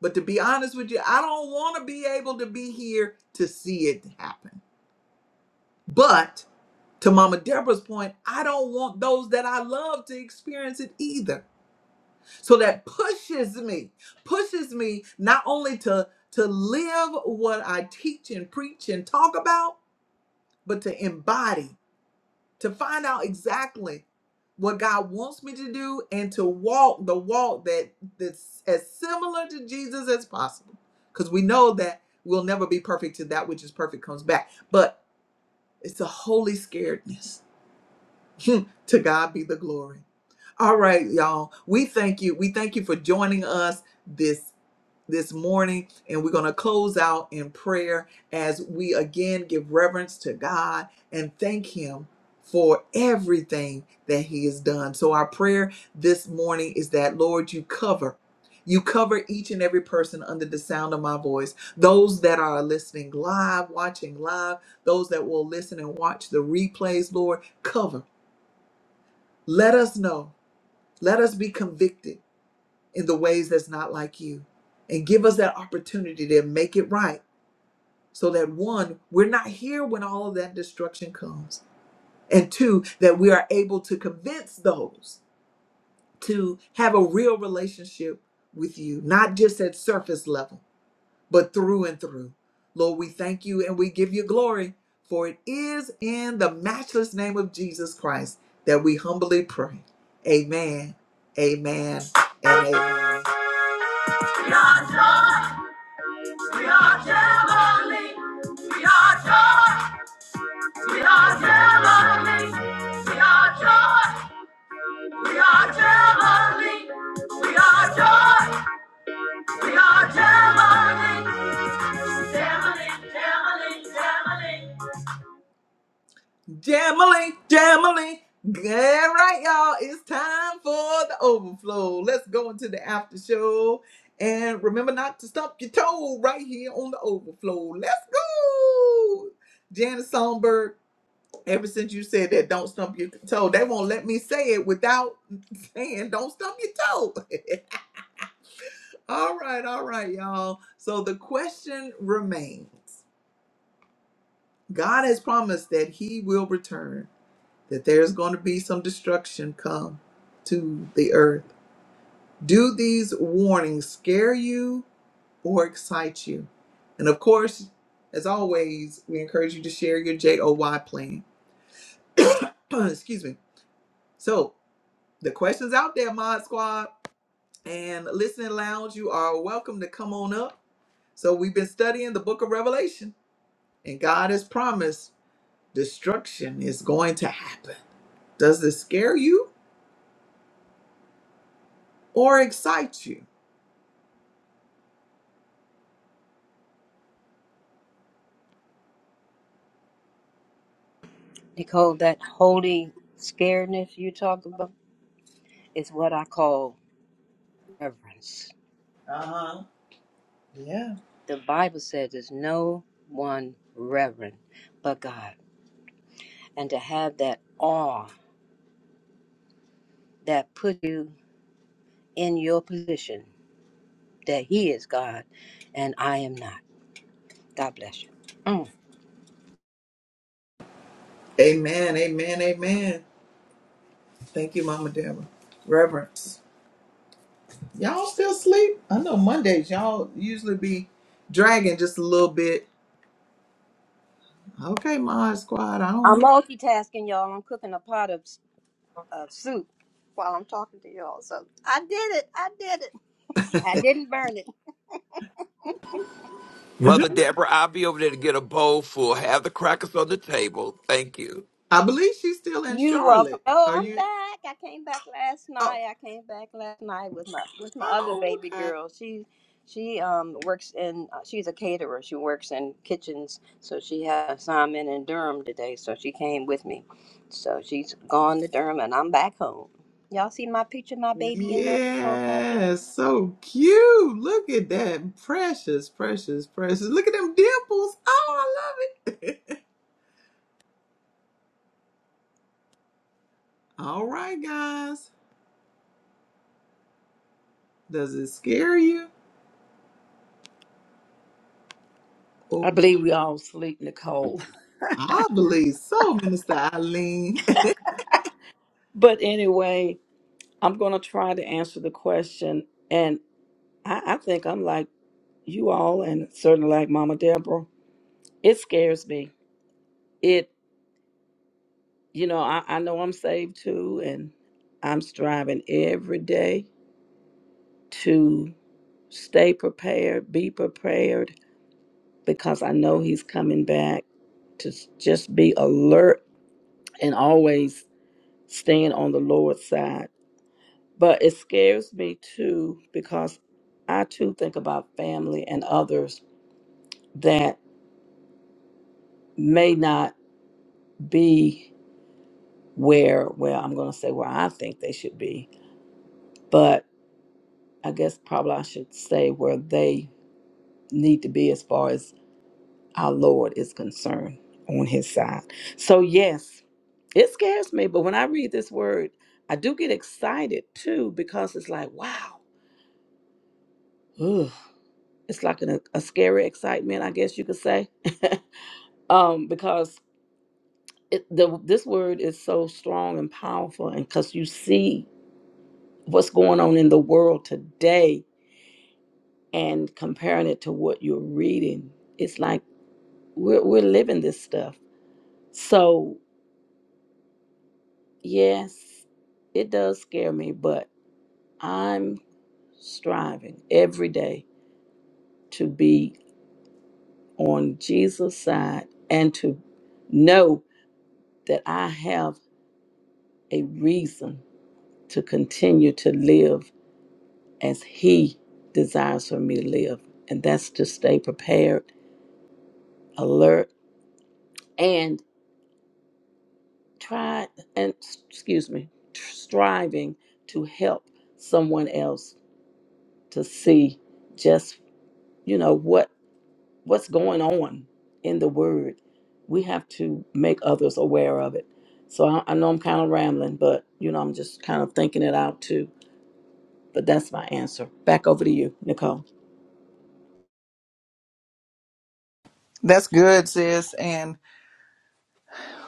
S1: but to be honest with you, I don't want to be able to be here to see it happen. But to Mama Deborah's point, I don't want those that I love to experience it either. so that pushes me pushes me not only to to live what i teach and preach and talk about but to embody to find out exactly what god wants me to do and to walk the walk that that's as similar to jesus as possible because we know that we'll never be perfect to that which is perfect comes back but it's a holy scaredness (laughs) Hmm. to god be the glory all right y'all we thank you we thank you for joining us this this morning and we're going to close out in prayer as we again give reverence to God and thank him for everything that he has done. So our prayer this morning is that Lord you cover you cover each and every person under the sound of my voice. Those that are listening live, watching live, those that will listen and watch the replays, Lord, cover. Let us know. Let us be convicted in the ways that's not like you. And give us that opportunity to make it right so that one, we're not here when all of that destruction comes. And two, that we are able to convince those to have a real relationship with you, not just at surface level, but through and through. Lord, we thank you and we give you glory, for it is in the matchless name of Jesus Christ that we humbly pray. Amen, amen, and amen. We are heavenly. We are joy. We are heavenly. We are joy. We are heavenly. We are joy. We are heavenly. Heavenly, heavenly, heavenly. Jamily, Jamily. All right, y'all. It's time for the overflow. Let's go into the after show. And remember not to stump your toe right here on the overflow. Let's go. Janice Songbird Ever since you said that, don't stump your toe, they won't let me say it without (laughs) saying, don't stump your toe. (laughs) all right, all right, y'all. So the question remains God has promised that He will return, that there's going to be some destruction come to the earth. Do these warnings scare you or excite you? And of course, as always, we encourage you to share your JOY plan. (coughs) Excuse me. So the question's out there, Mod Squad And listening lounge, you are welcome to come on up. So we've been studying the book of Revelation, and God has promised destruction is going to happen. Does this scare you or excite you?
S4: Nicole, that holy scaredness you talk about is what I call reverence.
S1: Uh-huh. Yeah.
S4: The Bible says there's no one reverent but God. And to have that awe that put you in your position that He is God and I am not God bless you. Mm.
S1: Amen. Amen. Amen. Thank you, Mama Deborah. Reverence. Y'all still sleep? I know Mondays y'all usually be dragging just a little bit. Okay, Mod Squad. I don't hear.
S4: I'm multitasking, y'all. I'm cooking a pot of uh, soup while I'm talking to y'all. So I did it. I did it. I didn't burn it.
S3: Mother Deborah, I'll be over there to get a bowl full. Have the crackers on the table. Thank you.
S1: I believe she's still in
S4: You welcome.
S1: Charlotte.
S4: Oh,
S1: Are
S4: I'm
S1: you?
S4: back. I came back last
S1: Oh,
S4: night. I came back last night with my with my other
S1: oh,
S4: baby
S1: okay.
S4: girl. She she um works in uh, she's a caterer. She works in kitchens. So she had an assignment in Durham today. So she came with me. So she's gone to Durham, and I'm back home. Y'all see my picture, my baby in my profile
S1: Yeah, so cute. Look at that. Precious, precious, precious. Look at them dimples. Oh, I love it. (laughs) All right, guys. Does it scare you? Oh,
S2: I believe we all sleep, Nicole. (laughs)
S1: I believe so, Minister Eileen.
S2: But anyway, I'm going to try to answer the question. And I, I think I'm like you all, and certainly like Mama Deborah. It scares me. It, you know, I, I know I'm saved too, and I'm striving every day to stay prepared, be prepared, because I know He's coming back to s- just be alert and always staying on the Lord's side But it scares me too because I too think about family and others that may not be where, well, I'm going to say where I think they should be, but I guess probably I should say where they need to be as far as our Lord is concerned on his side. So, yes, it scares me, but when I read this word, I do get excited too because it's like, wow, ugh, it's like an, a scary excitement, I guess you could say. (laughs) um, because it, the, this word is so strong and powerful, and because you see what's going on in the world today and comparing it to what you're reading, it's like we're we're living this stuff. So yes, it does scare me, but I'm striving every day to be on Jesus' side and to know that I have a reason to continue to live as He desires for me to live. And that's to stay prepared, alert, and try and excuse me, striving to help someone else to see just you know what what's going on in the Word. We have to make others aware of it. So I, I know I'm kind of rambling, but you know I'm just kind of thinking it out too. But that's my answer. Back over to you, Nicole.
S1: (laughs) That's good, sis. And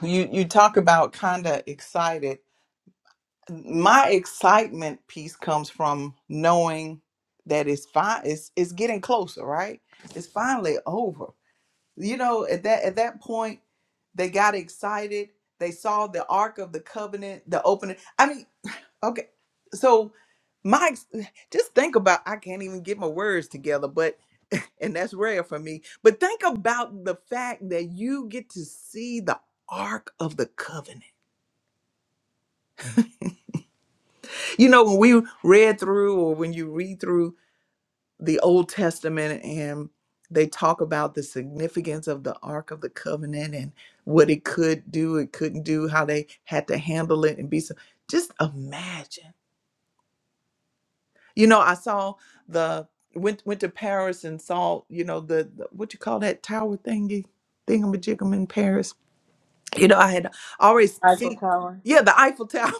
S1: you you talk about kind of excited. My excitement piece comes from knowing that it's fine. It's it's getting closer, right? It's finally over. You know, at that at that point They got excited. They saw the Ark of the Covenant, the opening. I mean, okay. So my ex- just think about I can't even get my words together, but (laughs) and that's rare for me. But think about the fact that you get to see the Ark of the Covenant. You know, when we read through or when you read through the Old Testament and they talk about the significance of the Ark of the Covenant and what it could do, it couldn't do, how they had to handle it and be so. Just imagine. You know, I saw the went went to Paris and saw you know the, the what you call that tower thingy thingamajigam in Paris you know, I had always
S4: Eiffel
S1: seen,
S4: Tower.
S1: yeah, the Eiffel Tower.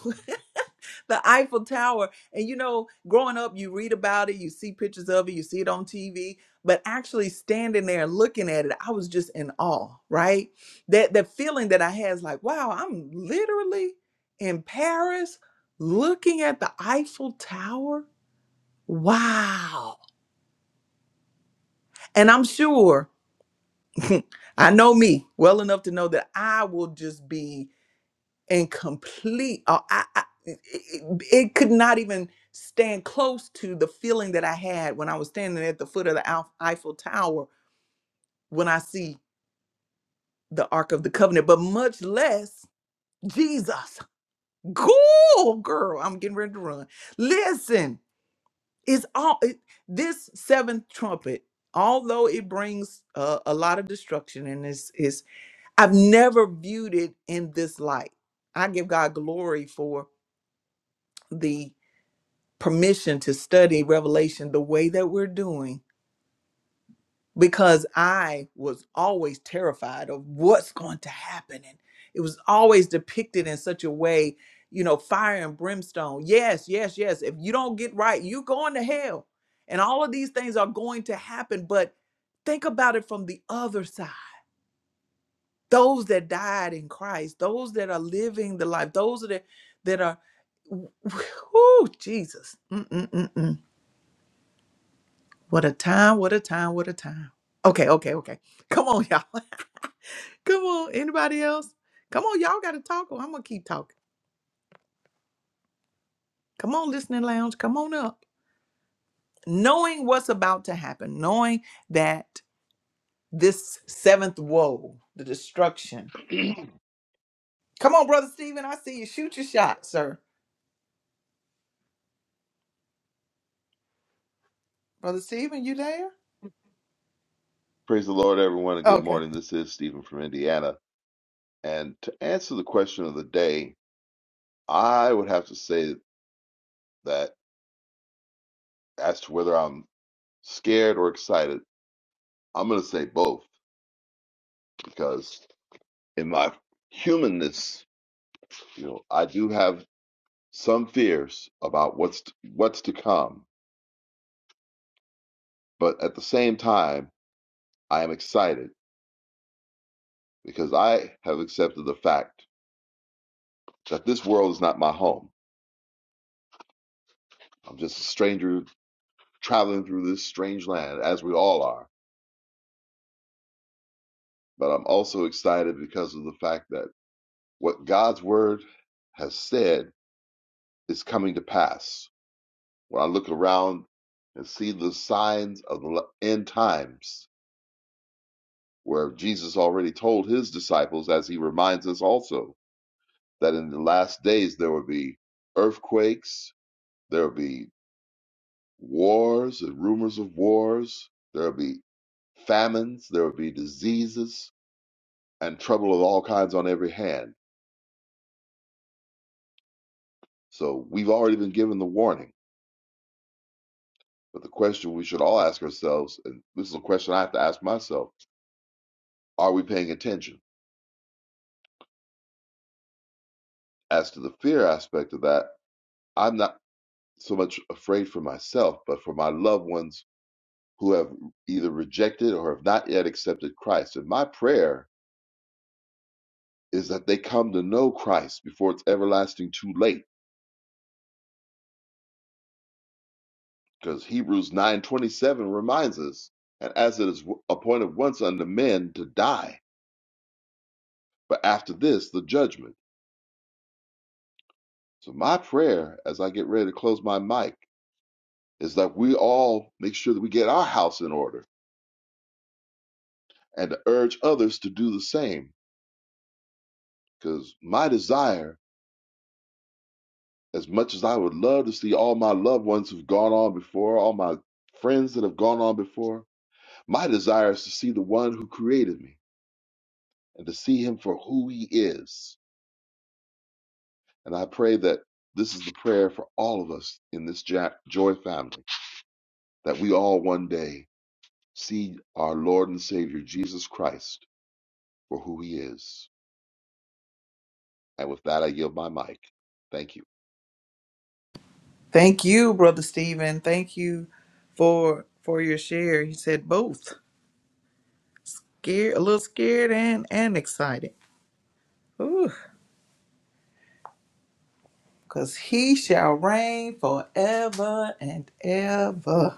S1: (laughs) the Eiffel Tower. And you know, growing up, you read about it, you see pictures of it, you see it on TV, but actually standing there and looking at it, I was just in awe, right? That the feeling that I had is like, wow, I'm literally in Paris looking at the Eiffel Tower. Wow. And I'm sure (laughs) I know me well enough to know that I will just be and complete uh, I, I, it, it it could not even stand close to the feeling that i had when i was standing at the foot of the Alf- eiffel tower when i see the ark of the covenant but much less jesus cool girl i'm getting ready to run listen it's all it, this seventh trumpet although it brings uh, a lot of destruction and is is i've never viewed it in this light i give god glory for the permission to study Revelation the way that we're doing because I was always terrified of what's going to happen. And it was always depicted in such a way, you know, fire and brimstone. Yes, yes, yes. If you don't get right, you're going to hell. And all of these things are going to happen. But think about it from the other side those that died in Christ, those that are living the life, those that, that are, (laughs) (sighs) whoo, Jesus. Mm-mm-mm-mm What a time, what a time, what a time. Okay, okay, okay. Come on, y'all. (laughs) Come on, anybody else? Come on, y'all got to talk or I'm going to keep talking. Come on, listening lounge, come on up. Knowing what's about to happen, knowing that this seventh woe, the destruction.
S5: (clears throat)
S1: Come on, Brother Stephen, I see you. Shoot your shot, sir. Brother Stephen, you there?
S5: Praise the Lord, everyone, and good
S1: Okay.
S5: morning. This is Stephen from Indiana. And to answer the question of the day, I would have to say that as to whether I'm scared or excited, I'm going to say both because in my humanness, you know, I do have some fears about what's t- what's to come, but at the same time, I am excited because I have accepted the fact that this world is not my home. I'm just a stranger traveling through this strange land, as we all are. But I'm also excited because of the fact that what God's word has said is coming to pass. When I look around and see the signs of the end times, where Jesus already told his disciples, as he reminds us also, that in the last days there will be earthquakes, there will be wars and rumors of wars, there will be famines, there will be diseases, and trouble of all kinds on every hand. So we've already been given the warning. But the question we should all ask ourselves, and this is a question I have to ask myself, are we paying attention? As to the fear aspect of that, I'm not so much afraid for myself, but for my loved ones who have either rejected or have not yet accepted Christ. And my prayer is that they come to know Christ before it's everlasting too late, because Hebrews 9:27 reminds us, and as it is appointed once unto men to die, But after this, the judgment. So my prayer as I get ready to close my mic is that we all make sure that we get our house in order and to urge others to do the same. Because my desire, as much as I would love to see all my loved ones who've gone on before, all my friends that have gone on before, my desire is to see the one who created me and to see him for who he is. And I pray that this is the prayer for all of us in this ja- joy family, that we all one day see our Lord and Savior Jesus Christ for who he is. And with that, I yield my mic. Thank you.
S1: Thank you, Brother Stephen. Thank you for for your share. He said both. Scared, a little scared and and excited. Ooh. Cause he shall reign forever and ever.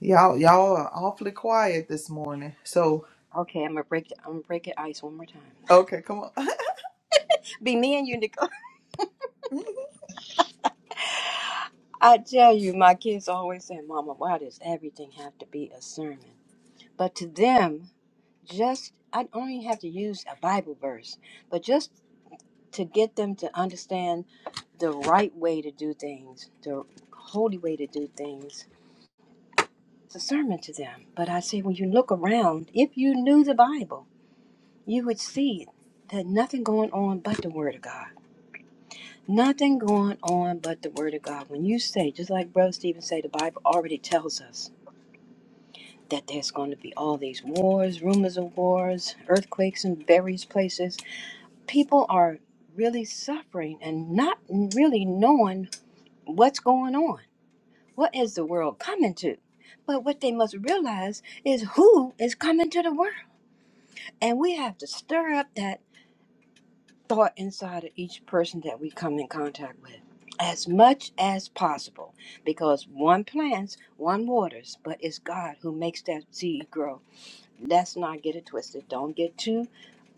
S1: Y'all, y'all are awfully quiet this morning. So
S4: Okay, I'm gonna break. I'm gonna break it ice one more time.
S1: okay, come on.
S4: (laughs) Be me and you, Nicole. (laughs) I tell you, my kids always say, "Mama, why does everything have to be a sermon?" But to them, just I only have to use a Bible verse, but just to get them to understand the right way to do things, the holy way to do things. It's a sermon to them. But I say, when you look around, if you knew the Bible, you would see that nothing going on but the Word of God. Nothing going on but the word of God. When you say, just like Brother Stephen said, the Bible already tells us that there's going to be all these wars, rumors of wars, earthquakes in various places. People are really suffering and not really knowing what's going on. What is the world coming to? But what they must realize is who is coming to the world. And we have to stir up that thought inside of each person that we come in contact with as much as possible because one plants, one waters, but it's God who makes that seed grow. Let's not get it twisted. Don't get too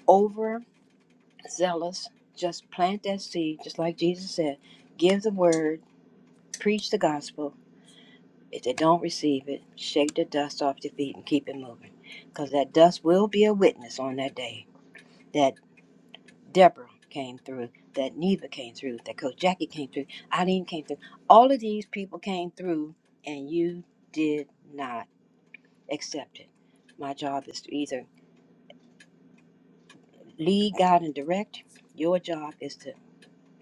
S4: overzealous. Just plant that seed, just like Jesus said. Give the word, preach the gospel. If they don't receive it, shake the dust off your feet and keep it moving because that dust will be a witness on that day That. Deborah came through, that Neva came through, that Coach Jackie came through, Eileen came through. All of these people came through, and you did not accept it. My job is to either lead, guide, and direct. Your job is to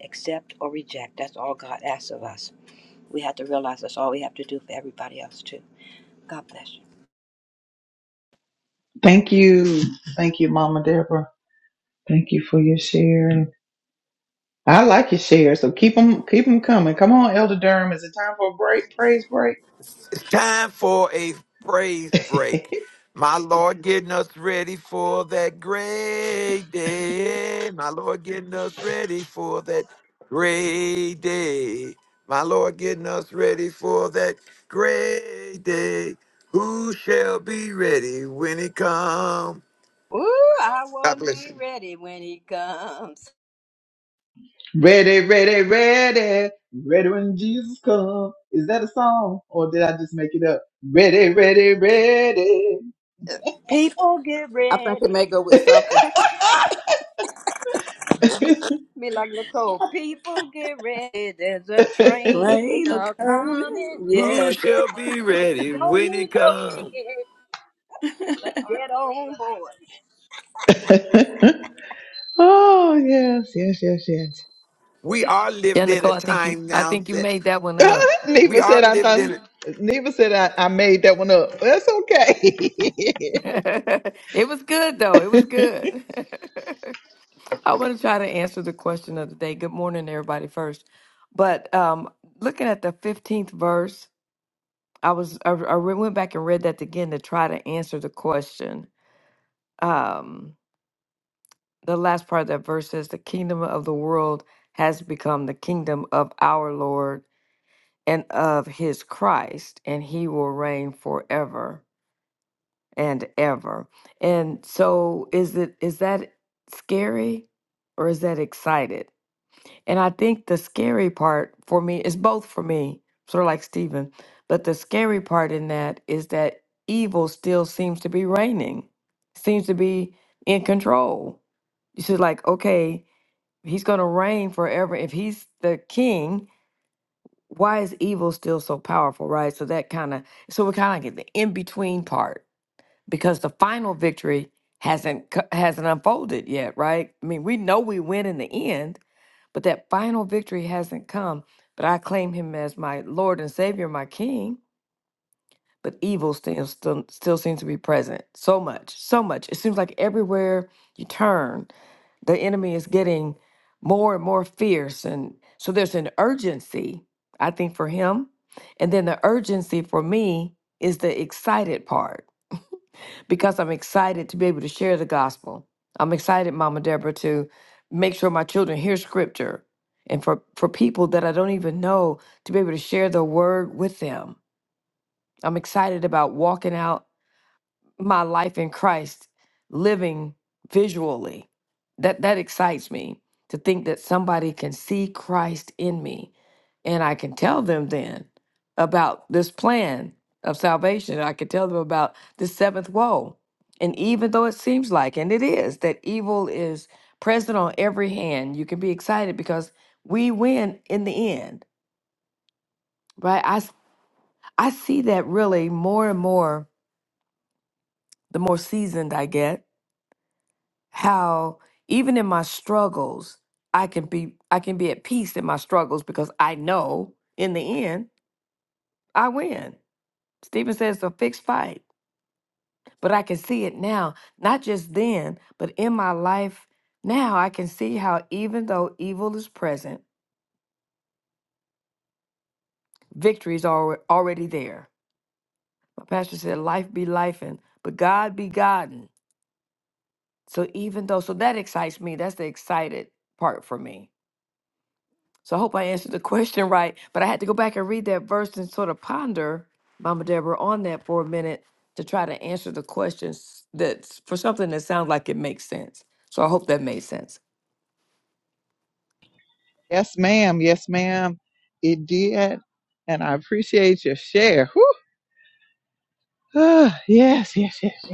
S4: accept or reject. That's all God asks of us. We have to realize that's all we have to do for everybody else, too. God bless you.
S1: (laughs) Thank you. Thank you, Mama Deborah. Thank you for your share. And I like your share, so keep them, keep them coming. Come on, Elder Durham. Is it time for a break? Praise break.
S3: It's time for a praise break.
S1: (laughs)
S3: My Lord getting us ready for that great day. My Lord getting us ready for that great day. My Lord getting us ready for that great day. Who shall be ready when he comes?
S4: Ooh, I
S3: God
S4: want to
S3: bless you.
S4: be ready when he comes.
S1: ready, ready, ready. Ready when Jesus comes. Is that a song or did I just make it up? Ready, ready,
S4: People get
S2: I think
S4: ready.
S2: it may go with
S1: ready.
S2: something.
S4: Be, be like Nicole. People get ready. There's a
S1: (laughs)
S4: train
S2: Rain or
S4: a
S2: coming?
S4: coming.
S3: Who
S2: Yes.
S3: shall be ready
S4: You don't
S3: when
S4: need
S3: it
S4: no
S3: comes?
S4: ticket. Just get on board.
S1: Oh yes, yes, yes, yes.
S3: We are
S6: Yeah,
S3: living in
S6: Nicole,
S3: a
S6: I think you
S3: time
S6: I
S3: now
S6: think you
S3: that
S6: made that one up.
S1: (laughs)
S3: we
S1: Neva
S3: are
S1: said I
S3: living
S1: thought
S3: in
S1: Neva said I, I made that one up. That's okay. (laughs)
S6: (laughs) it was good though. It was good. (laughs) I want to try to answer the question of the day. Good morning, everybody, first. But um looking at the 15th verse, I was I, I re- went back and read that again to try to answer the question. Um the last part of that verse says the kingdom of the world has become the kingdom of our Lord and of his Christ, and he will reign forever. and ever. And so is it is that scary or is that excited? And I think the scary part for me is both for me, sort of like Stephen, but the scary part in that is that evil still seems to be reigning, seems to be in control. It's just like, okay, he's gonna reign forever. If he's the king, why is evil still so powerful, right? So that kind of so we're kind of like at the in-between part because the final victory hasn't co- hasn't unfolded yet, right? I mean, we know we win in the end, but that final victory hasn't come. But I claim him as my Lord and Savior, my King. But evil still still, still seems to be present. So much, so much. It seems like everywhere you turn, the enemy is getting more and more fierce, and so there's an urgency, I think, for him, and then the urgency for me is the excited part because I'm excited to be able to share the gospel. I'm excited, Mama Deborah, to make sure my children hear scripture and for, for people that I don't even know to be able to share the word with them. I'm excited about walking out my life in Christ living visually. That that excites me to think that somebody can see Christ in me and I can tell them then about this plan of salvation. I can tell them about the seventh woe. And even though it seems like and it is that evil is present on every hand, you can be excited because we win in the end, right? I s- I see that really more and more the more seasoned I get how even in my struggles i can be i can be at peace in my struggles because i know in the end i win stephen says it's a fixed fight but i can see it now not just then but in my life now i can see how even though evil is present victory is alre- already there my pastor said life be life and but god be godden so even though so that excites me that's the excited part for me So I hope I answered the question right. But I had to go back and read that verse and sort of ponder, Mama Deborah, on that for a minute to try to answer the questions that's for something that sounds like it makes sense. So I hope that made sense.
S1: yes, ma'am. Yes, ma'am. It did. And I appreciate your share. Whew. (sighs) Ah, yes, yes, yes,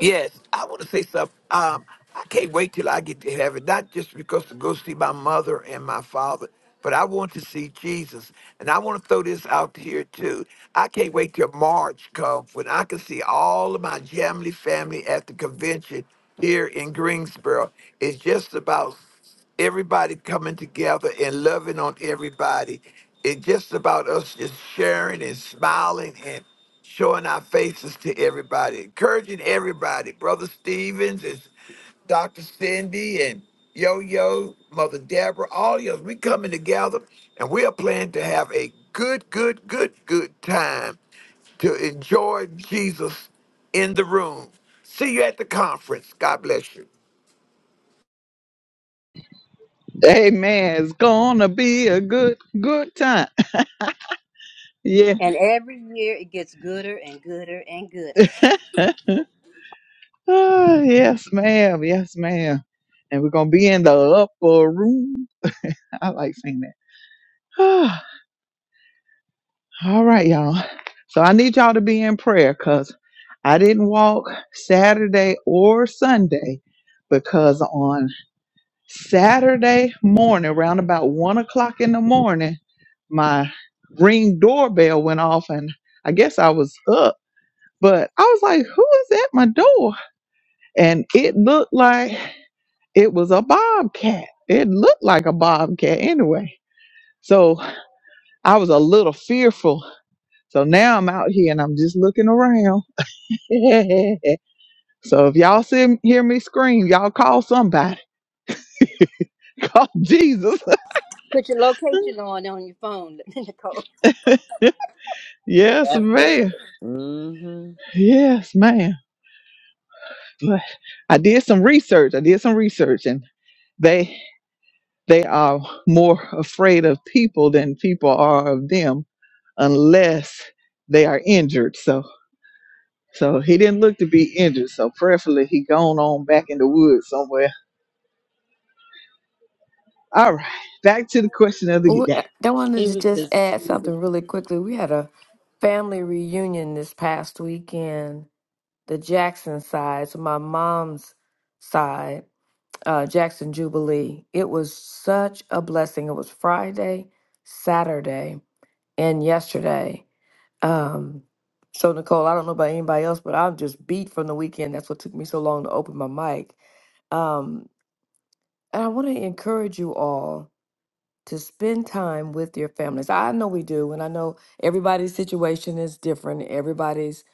S3: Yes, I want to say something. Um, I can't wait till I get to heaven, not just because to go see my mother and my father, but I want to see Jesus. And I want to throw this out here too. I can't wait till March comes when I can see all of my family family at the convention here in Greensboro. It's just about everybody coming together and loving on everybody. It's just about us just sharing and smiling and showing our faces to everybody, encouraging everybody. Brother Stevens is Dr. Cindy and Yo Yo, Mother Deborah, all of us. We coming together and we are planning to have a good, good, good, good time to enjoy Jesus in the room. See you at the conference. God bless you.
S1: yes. Amen. It's gonna be a good good time. (laughs) Yeah.
S4: And every year it gets gooder and gooder and gooder.
S1: Ah, yes, ma'am. Yes, ma'am. And we're gonna be in the upper room. I like saying that. (sighs) All right, y'all. So I need y'all to be in prayer because I didn't walk Saturday or Sunday because on Saturday morning, around about one o'clock in the morning, my ring doorbell went off and I guess I was up, but I was like, who is at my door? And it looked like it was a bobcat. It looked like a bobcat anyway. So I was a little fearful. So now I'm out here and I'm just looking around (laughs) so if y'all see, hear me scream, y'all call somebody. (laughs) Call Jesus.
S4: Put your location on on your phone, (laughs) Nicole.
S1: (laughs) yes,
S7: That part.
S1: ma'am.
S7: hmm
S1: Yes, ma'am. But I did some research. I did some research, and they they are more afraid of people than people are of them, unless they are injured. So so he didn't look to be injured. So prayerfully, he gone on back in the woods somewhere. All right, back to the question of the
S6: Well,
S1: day.
S6: we- I wanted
S7: He
S6: to
S7: was
S6: just
S7: just,
S6: add
S7: he was
S6: something
S7: just
S6: really quickly. We had a family reunion this past weekend, the Jackson side, so my mom's side, uh, Jackson Jubilee. It was such a blessing. It was Friday, Saturday, and yesterday. Um, so Nicole, I don't know about anybody else, but I'm just beat from the weekend. That's what took me so long to open my mic. Um, and I want to encourage you all to spend time with your families. I know we do, and I know everybody's situation is different. Everybody's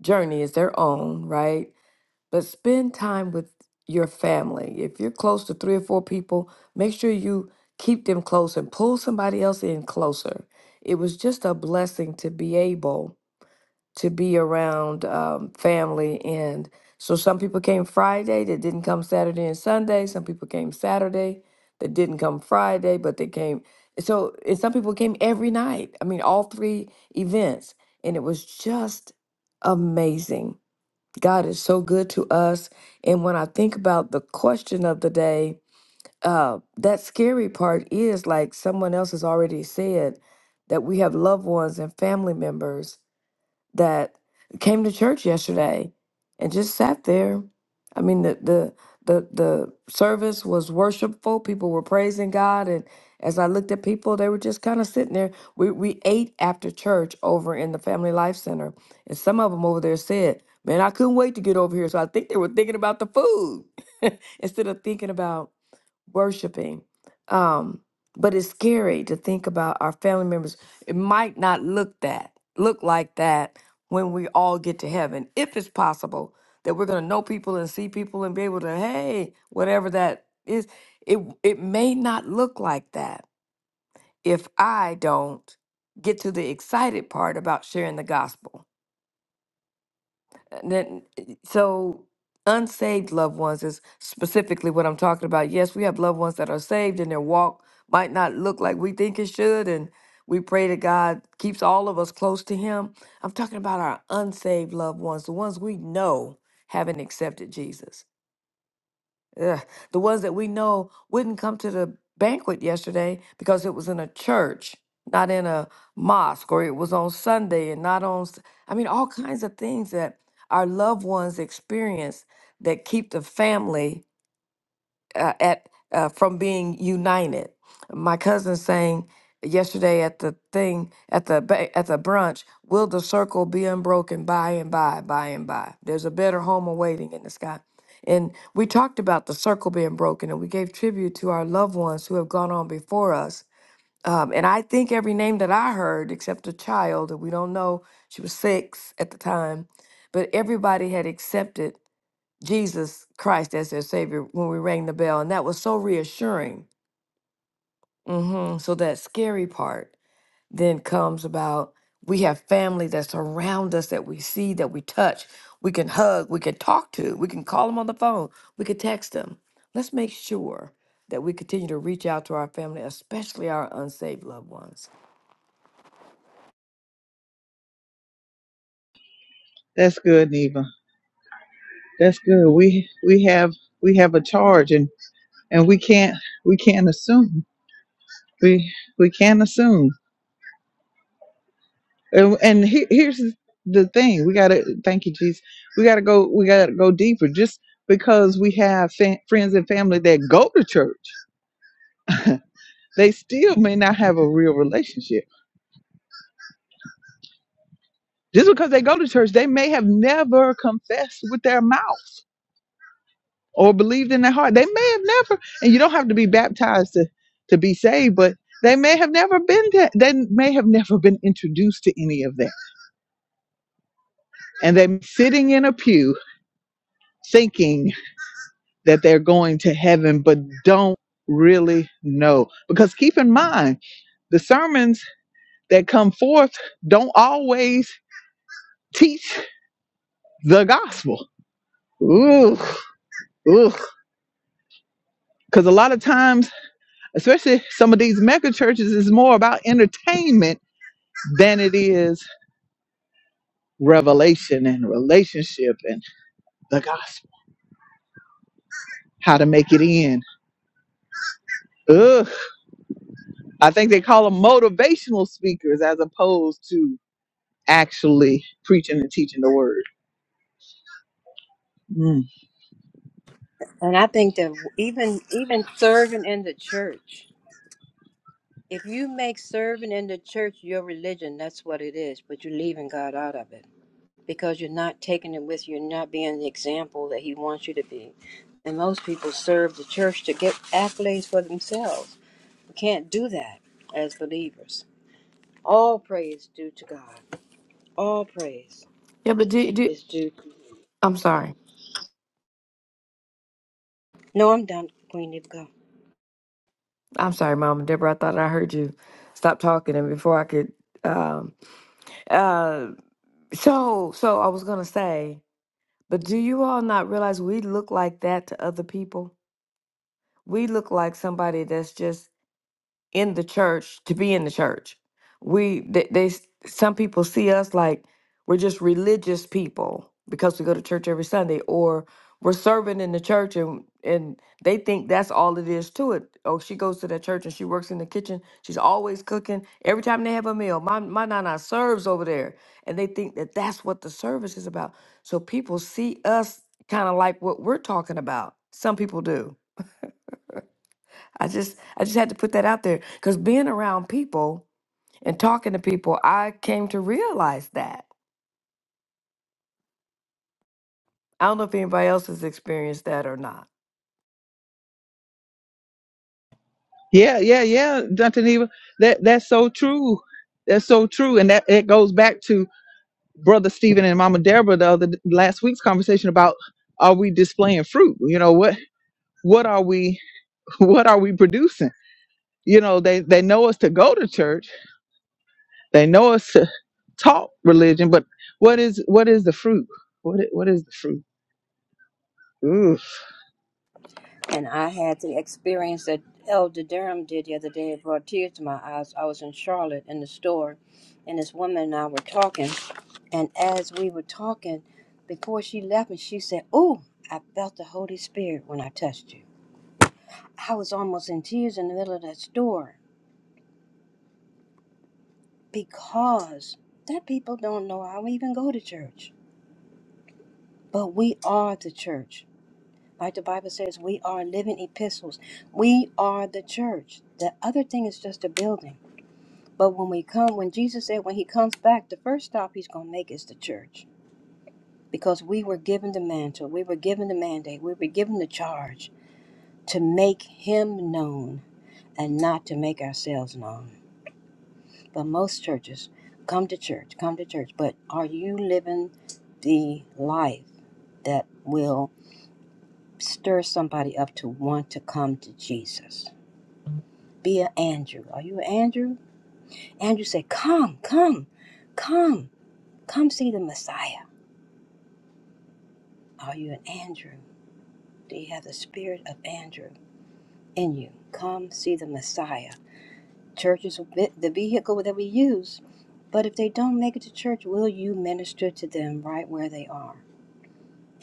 S6: journey is their own, right? But spend time with your family. If you're close to three or four people, make sure you keep them close and pull somebody else in closer. It was just a blessing to be able to be around um, family. And so some people came Friday that didn't come Saturday and Sunday. Some people came Saturday that didn't come Friday, but they came. So, and some people came every night. I mean, all three events. And it was just amazing. God is so good to us. And when I think about the question of the day, uh, that scary part is like someone else has already said that we have loved ones and family members that came to church yesterday and just sat there. I mean, the the the the service was worshipful. People were praising God, and as I looked at people, they were just kind of sitting there. We we ate after church over in the Family Life Center, and some of them over there said, "Man, I couldn't wait to get over here." So I think they were thinking about the food (laughs) instead of thinking about worshiping. Um, but it's scary to think about our family members. It might not look that look like that when we all get to heaven, if it's possible that we're gonna know people and see people and be able to, hey, whatever that is, it it may not look like that if I don't get to the excited part about sharing the gospel. And then, eh, so unsaved loved ones is specifically what I'm talking about. Yes, we have loved ones that are saved and their walk might not look like we think it should. And we pray that God keeps all of us close to Him. I'm talking about our unsaved loved ones, the ones we know haven't accepted Jesus Ugh, the ones that we know wouldn't come to the banquet yesterday because it was in a church, not in a mosque, or it was on Sunday and not on. s- I mean, all kinds of things that our loved ones experience that keep the family uh, at uh, from being united. My cousin saying yesterday at the thing at the ba- at the brunch, will the circle be unbroken by and by, by and by? There's a better home awaiting in the sky. And we talked about the circle being broken, and we gave tribute to our loved ones who have gone on before us. Um, and I think every name that I heard, except a child that we don't know, she was six at the time, but everybody had accepted Jesus Christ as their Savior when we rang the bell. And that was so reassuring. hmm So that scary part then comes about we have family that's around us that we see, that we touch, we can hug, we can talk to, we can call them on the phone, we can text them. Let's make sure that we continue to reach out to our family, especially our unsaved loved ones.
S1: That's good, Neva. That's good. We we have we have a charge, and and we can't we can't assume. We we can't assume. And, and he, here's the thing: we gotta thank you, Jesus. We gotta go. We gotta go deeper. Just because we have fa- friends and family that go to church, (laughs) they still may not have a real relationship. Just because they go to church, they may have never confessed with their mouth. or believed in their heart. They may have never, and you don't have to be baptized to, to be saved, but they may have never been to, they may have never been introduced to any of that. And they're sitting in a pew thinking that they're going to heaven, but don't really know. Because keep in mind, the sermons that come forth don't always teach the gospel. Ooh, ooh. Because a lot of times, especially some of these mega churches, is more about entertainment than it is revelation and relationship and the gospel, how to make it in. Ugh. I think they call them motivational speakers as opposed to actually preaching and teaching the word. Mm.
S4: And I think that even even serving in the church, if you make serving in the church your religion, that's what it is. But you're leaving God out of it. because you're not taking it with you. You're not being the example that He wants you to be. And most people serve the church to get accolades for themselves. We can't do that as believers. All praise due to God. All praise
S6: Yeah, but do, do
S4: is due to Him.
S6: I'm sorry.
S4: No, I'm done, Queen. You go.
S6: I'm sorry, Mama Deborah. I thought I heard you stop talking, and before I could um, uh, So, so I was gonna say, but do you all not realize we look like that to other people? We look like somebody that's just in the church to be in the church. We they, they some people see us like we're just religious people because we go to church every Sunday or we're serving in the church and and they think that's all it is to it. Oh, she goes to that church and she works in the kitchen. She's always cooking. Every time they have a meal, my my nana serves over there, and they think that that's what the service is about. So people see us kind of like what we're talking about. Some people do I just I just had to put that out there because being around people and talking to people, I came to realize that. I don't know if anybody else has experienced that or not.
S1: Yeah, yeah, yeah, Dr. Neva. That that's so true. That's so true. And that it goes back to Brother Stephen and Mama Deborah the other last week's conversation about are we displaying fruit? You know, what what are we (laughs) what are we producing? You know, they, they know us to go to church They know us to talk religion, but what is what is the fruit? What i- what is the fruit? Ooh,
S4: And I had the experience that Elder Durham did the other day. It brought tears to my eyes. I was in Charlotte in the store, and this woman and I were talking. And as we were talking, before she left me, she said, Oh, I felt the Holy Spirit when I touched you. I was almost in tears in the middle of that store because that people don't know I even go to church. But we are the church. Like the Bible says, we are living epistles. We are the church. The other thing is just a building. But when we come, when Jesus said when he comes back, the first stop he's going to make is the church because we were given the mantle, we were given the mandate, we were given the charge to make him known and not to make ourselves known. But most churches come to church, come to church, but are you living the life that will stir somebody up to want to come to Jesus? Be an Andrew. Are you an Andrew? Andrew said, Come, come, come, come see the Messiah. Are you an Andrew? Do you have the spirit of Andrew in you? Come see the Messiah Church is the vehicle that we use. But if they don't make it to church, will you minister to them right where they are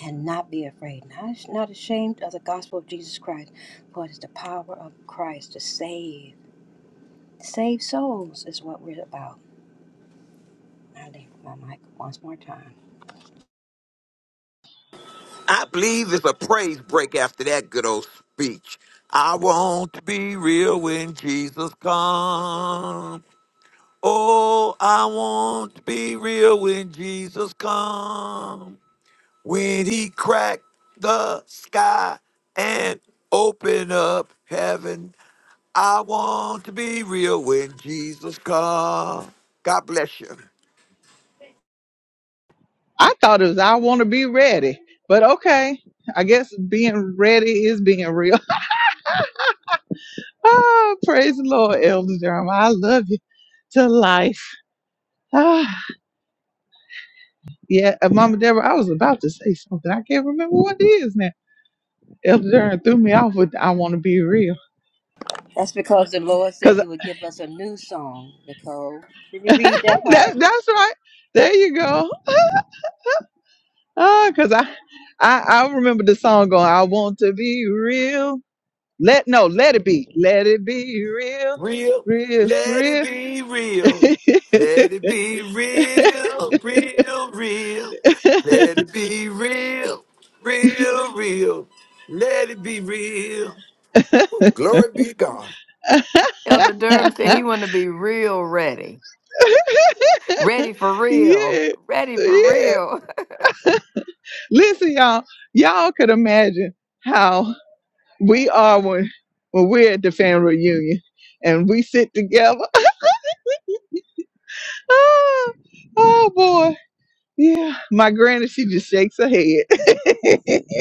S4: and not be afraid? Not, not ashamed of the gospel of Jesus Christ, for it is the power of Christ to save. Save souls is what we're about. I leave my mic once more time.
S3: I believe it's a praise break after that good old speech. I want to be real when Jesus comes. Oh, I want to be real when Jesus come. When he cracked the sky and opened up heaven. I want to be real when Jesus come. God bless you.
S1: I thought it was I want to be ready, but okay, I guess being ready is being real. (laughs) ah, praise the Lord, Elder Jeremiah. I love you to life. Ah, yeah, uh, Mama Deborah, I was about to say something. I can't remember what it is now. Elder Durham threw me off with I want to be real.
S4: That's because the Lord
S1: Cause
S4: said He would give us a new song, Nicole. Did you read that part?
S1: that, that's right. There you go. Ah, cause I, I I remember the song going, I want to be real. Let no, let it be. Let it be real,
S3: Real,
S1: real,
S3: let it
S1: real.
S3: be
S1: (laughs)
S3: real. Let it be real, real, real. Let it be real, real, real. Let it be real. Glory be to God.
S6: Elder Durham said he wanted to be real ready, ready for real,
S1: yeah.
S6: ready for
S1: Yeah.
S6: real. (laughs)
S1: Listen, y'all, y'all could imagine how we are when when we're at the family reunion and we sit together. (laughs) oh oh boy. Yeah. My granny, she just shakes her head. (laughs)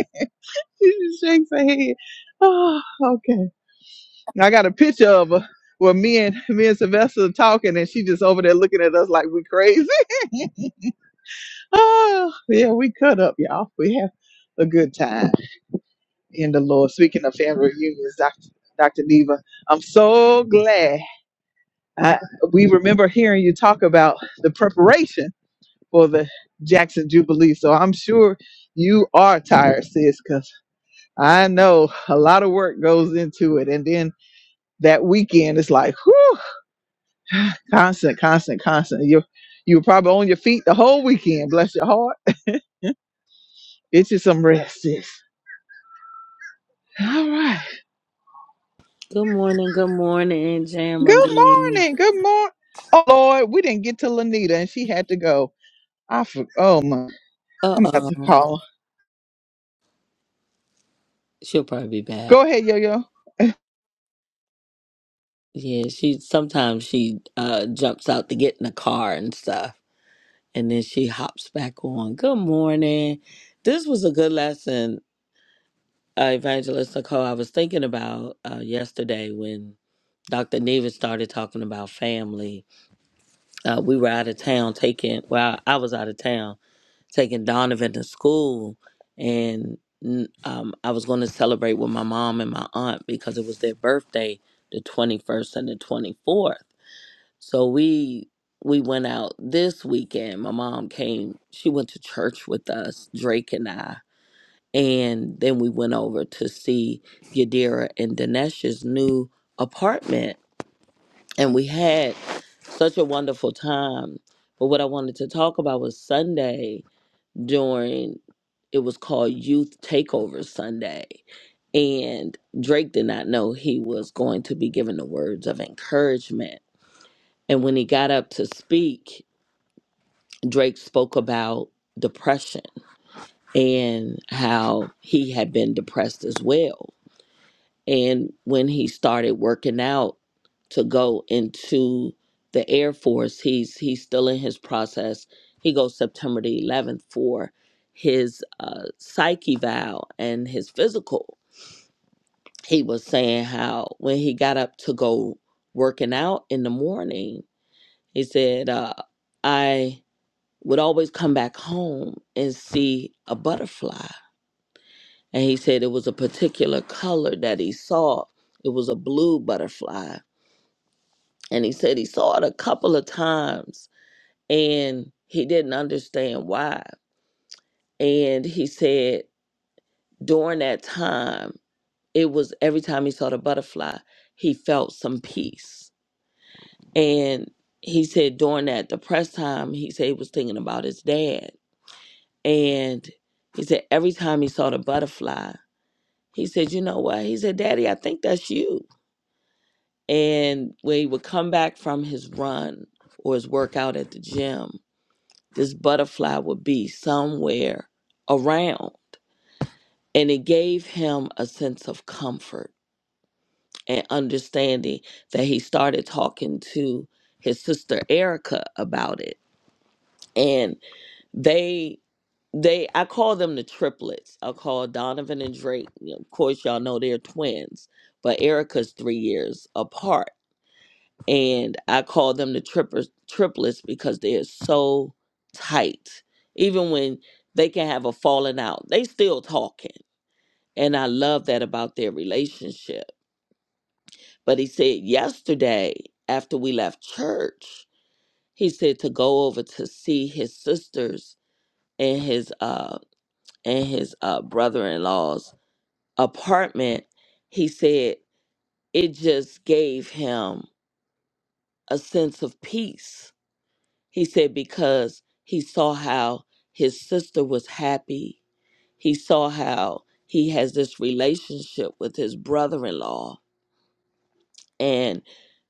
S1: (laughs) She shakes her head. Oh, okay. I got a picture of her where me and me and Sylvester are talking, and she just over there looking at us like we crazy. (laughs) oh, yeah, we cut up, y'all. We have a good time in the Lord. Speaking of family reunions, Doctor Doctor Neva, I'm so glad I, we remember hearing you talk about the preparation for the Jackson Jubilee. So I'm sure you are tired, sis, because I know a lot of work goes into it, and then that weekend it's like whew, constant, constant, constant. You you were probably on your feet the whole weekend. Bless your heart. It's just some rest, sis. All right.
S7: good morning, good morning,
S1: Good
S7: Jamily.
S1: morning. Good morning. Oh Lord, we didn't get to Lanita and she had to go. I for- oh my, I'm
S7: Uh
S1: gonna have to
S7: oh.
S1: call. her.
S7: She'll probably be back.
S1: Go ahead, Yo Yo.
S7: Yeah, she sometimes she uh jumps out to get in the car and stuff. And then she hops back on. Good morning. This was a good lesson, uh, Evangelist Nicole. I was thinking about uh, yesterday when Dr. Neva started talking about family. Uh, we were out of town taking, well, I was out of town taking Donovan to school, and n- um, I was going to celebrate with my mom and my aunt because it was their birthday, the twenty first and the twenty fourth. So we we went out this weekend. My mom came; she went to church with us, Drake and I, and then we went over to see Yadira and Dinesh's new apartment, and we had such a wonderful time. But what I wanted to talk about was Sunday during it was called Youth Takeover Sunday. And Drake did not know he was going to be given the words of encouragement. And when he got up to speak, Drake spoke about depression and how he had been depressed as well. And when he started working out to go into the Air Force, he's he's still in his process. He goes September the 11th for his uh, psyche vow and his physical. He was saying how when he got up to go working out in the morning, he said, uh, "I would always come back home and see a butterfly." And he said it was a particular color that he saw. It was a blue butterfly and he said he saw it a couple of times and he didn't understand why and he said during that time it was every time he saw the butterfly he felt some peace and he said during that depressed time he said he was thinking about his dad and he said every time he saw the butterfly he said you know what he said daddy i think that's you and when he would come back from his run or his workout at the gym this butterfly would be somewhere around. And it gave him a sense of comfort and understanding that he started talking to his sister Erica about it. And they they I call them the triplets. I call Donovan and Drake. you know, Of course y'all know they're twins, but Erica's three years apart and I call them the trippers, triplets because they are so tight. Even when they can have a falling out, they still talking. And I love that about their relationship. But he said yesterday, after we left church, he said to go over to see his sisters and his uh and his uh brother-in-law's apartment. He said it just gave him a sense of peace He said because he saw how his sister was happy. He saw how he has this relationship with his brother in law, and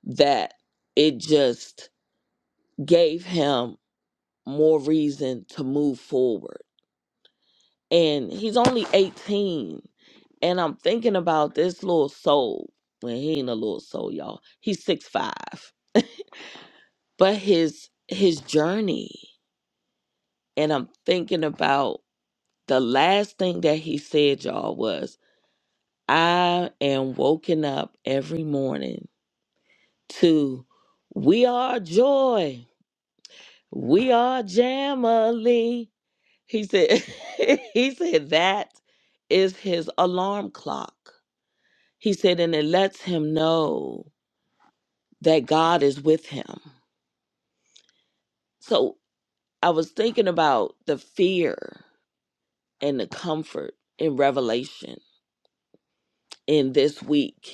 S7: that it just gave him more reason to move forward. And he's only 18. And I'm thinking about this little soul. Well, he ain't a little soul, y'all. He's six five. But his his journey. And I'm thinking about The last thing that he said, y'all, was I am woken up every morning to We Are Joy. We are Jamily. He said, (laughs) he said that is his alarm clock. He said, and it lets him know that God is with him. So I was thinking about the fear and the comfort in Revelation in this week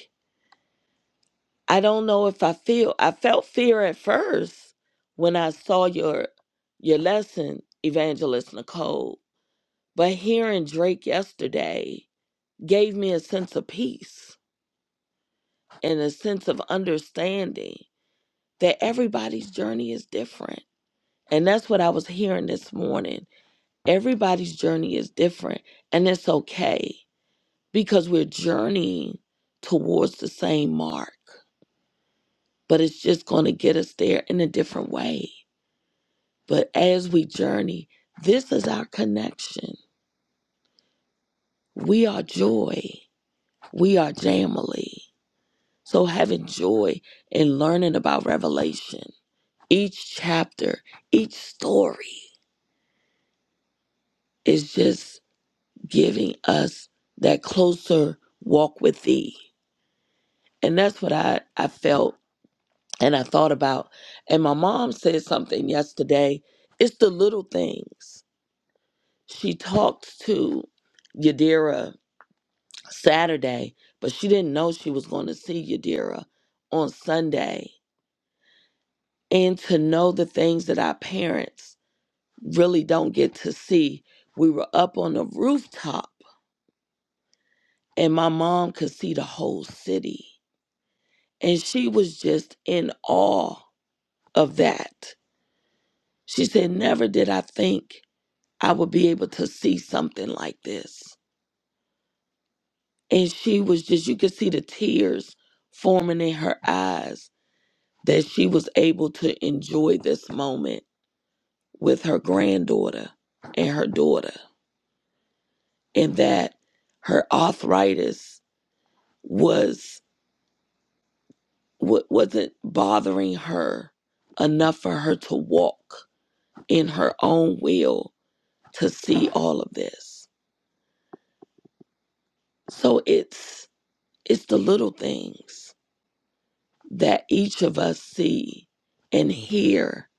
S7: I don't know if I feel I felt fear at first when I saw your your lesson, Evangelist Nicole. But hearing Drake yesterday gave me a sense of peace and a sense of understanding that everybody's journey is different. And that's what I was hearing this morning. Everybody's journey is different and it's okay because we're journeying towards the same mark, but it's just going to get us there in a different way. But as we journey, this is our connection. We are joy. We are Jamily. So having joy in learning about Revelation, each chapter, each story is just giving us that closer walk with thee. And that's what I, I felt and I thought about. And my mom said something yesterday. It's the little things. She talked to Yadira Saturday, but she didn't know she was going to see Yadira on Sunday. And to know the things that our parents really don't get to see, we were up on the rooftop and my mom could see the whole city. And she was just in awe of that. She said, Never did I think I would be able to see something like this. And she was just, you could see the tears forming in her eyes that she was able to enjoy this moment with her granddaughter and her daughter, and that her arthritis was wa- wasn't bothering her enough for her to walk in her own will to see all of this. So it's it's the little things that each of us see and hear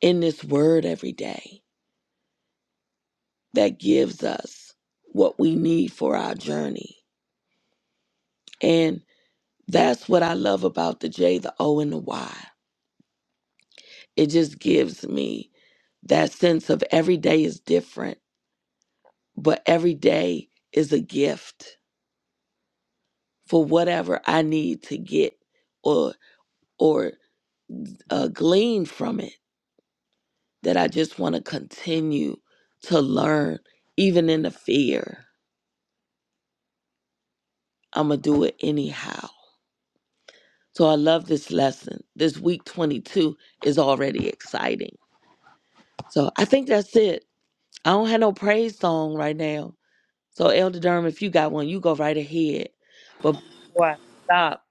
S7: in this word every day that gives us what we need for our journey And that's what I love about the J, the O, and the Y. It just gives me that sense of every day is different, but every day is a gift for whatever I need to get or or uh, glean from it that I just want to continue to learn, even in the fear. I'm gonna do it anyhow. So I love this lesson. This week 22 is already exciting. So I think that's it. I don't have no praise song right now. So Elder Durham, if you got one, you go right ahead. But before I stop,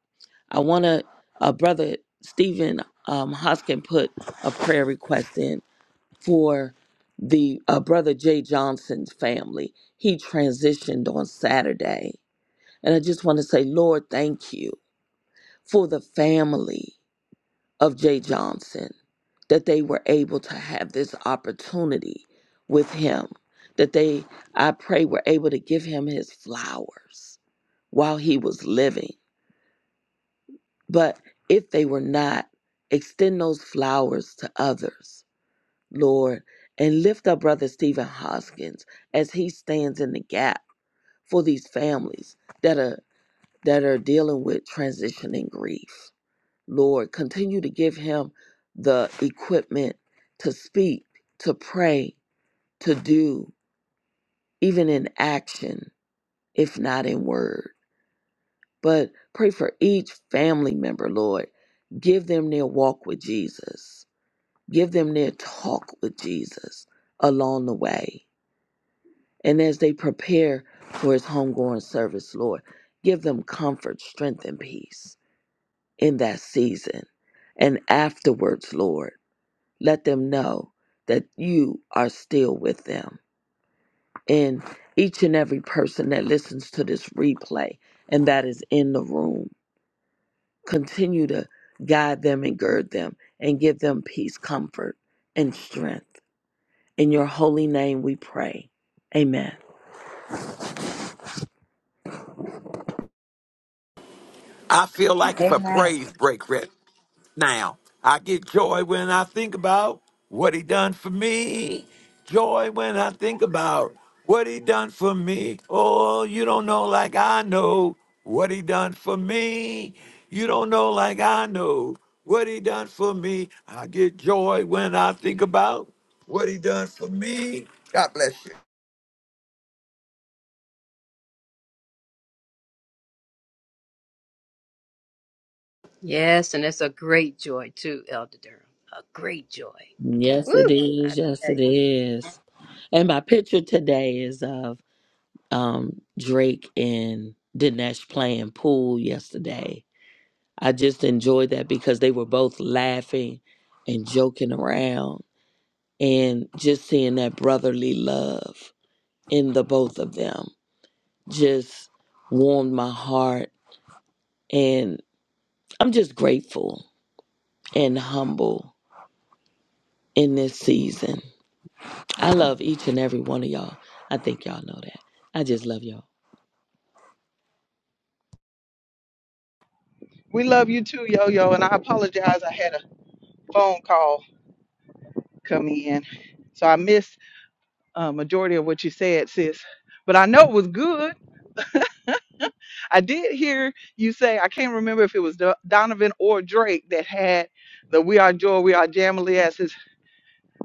S7: I wanna uh, brother Stephen um Hoskin put a prayer request in for the uh, brother Jay Johnson's family. He transitioned on Saturday. And I just want to say, Lord, thank you for the family of Jay Johnson that they were able to have this opportunity with him, that they, I pray, were able to give him his flowers while he was living. But if they were not, extend those flowers to others, Lord, and lift up Brother Stephen Hoskins as he stands in the gap for these families that are that are dealing with transition and grief. Lord. Continue to give him the equipment to speak, to pray, to do, even in action, if not in word. But pray for each family member, Lord. Give them their walk with Jesus, give them their talk with Jesus along the way. And as they prepare for his homegoing service, Lord, give them comfort, strength, and peace in that season and afterwards, Lord. let them know that you are still with them in each and every person that listens to this replay and that is in the room. Continue to guide them and gird them and give them peace, comfort, and strength. In your holy name we pray. Amen.
S3: I feel like it's a
S4: Amen.
S3: praise break right now. I get joy when I think about what he done for me. Joy when I think about what he done for me. Oh, you don't know like I know what he done for me. You don't know like I know what he done for me. I get joy when I think about what he done for me. God bless you.
S4: Yes, and it's a great joy too, Elder Durham. A great joy.
S7: Yes, it
S4: Woo! I
S7: is. Yes,
S4: tell you.
S7: it is. And my picture today is of um, Drake and Dinesh playing pool yesterday I just enjoyed that because they were both laughing and joking around and just seeing that brotherly love in the both of them just warmed my heart and I'm just grateful and humble in this season. I love each and every one of y'all. I think y'all know that. I just love y'all.
S1: We love you too, Yo Yo. And I apologize. I had a phone call come in, so I missed a majority of what you said, sis. But I know it was good. I did hear you say, I can't remember if it was Do- Donovan or Drake that had the We Are Joy, We Are Jamily as his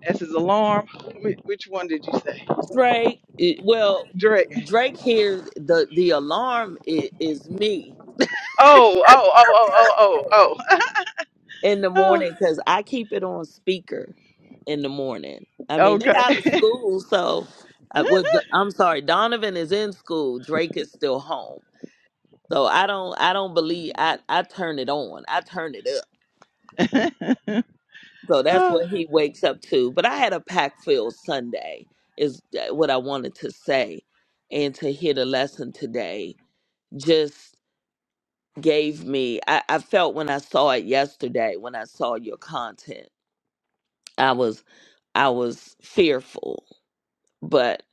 S1: as his alarm. Whi- Which one did you say?
S7: Drake, it- well,
S1: Drake.
S7: Drake hears the the alarm is, is me.
S1: Oh, oh, oh, oh, oh,
S7: in the
S1: oh,
S7: morning because I keep it on speaker in the morning. I
S1: oh. (laughs)
S7: mean, they out of
S1: okay.
S7: school, so I would, I'm sorry. Donovan is in school. Drake is still home, so I don't. I don't believe. I I turn it on. I turn it up.
S1: (laughs)
S7: So that's
S1: Oh,
S7: what he wakes up to. But I had a pack filled Sunday. Is uh, what I wanted to say, and to hear the lesson today just gave me. I, I felt when I saw it yesterday. When I saw your content. I was. I was fearful. But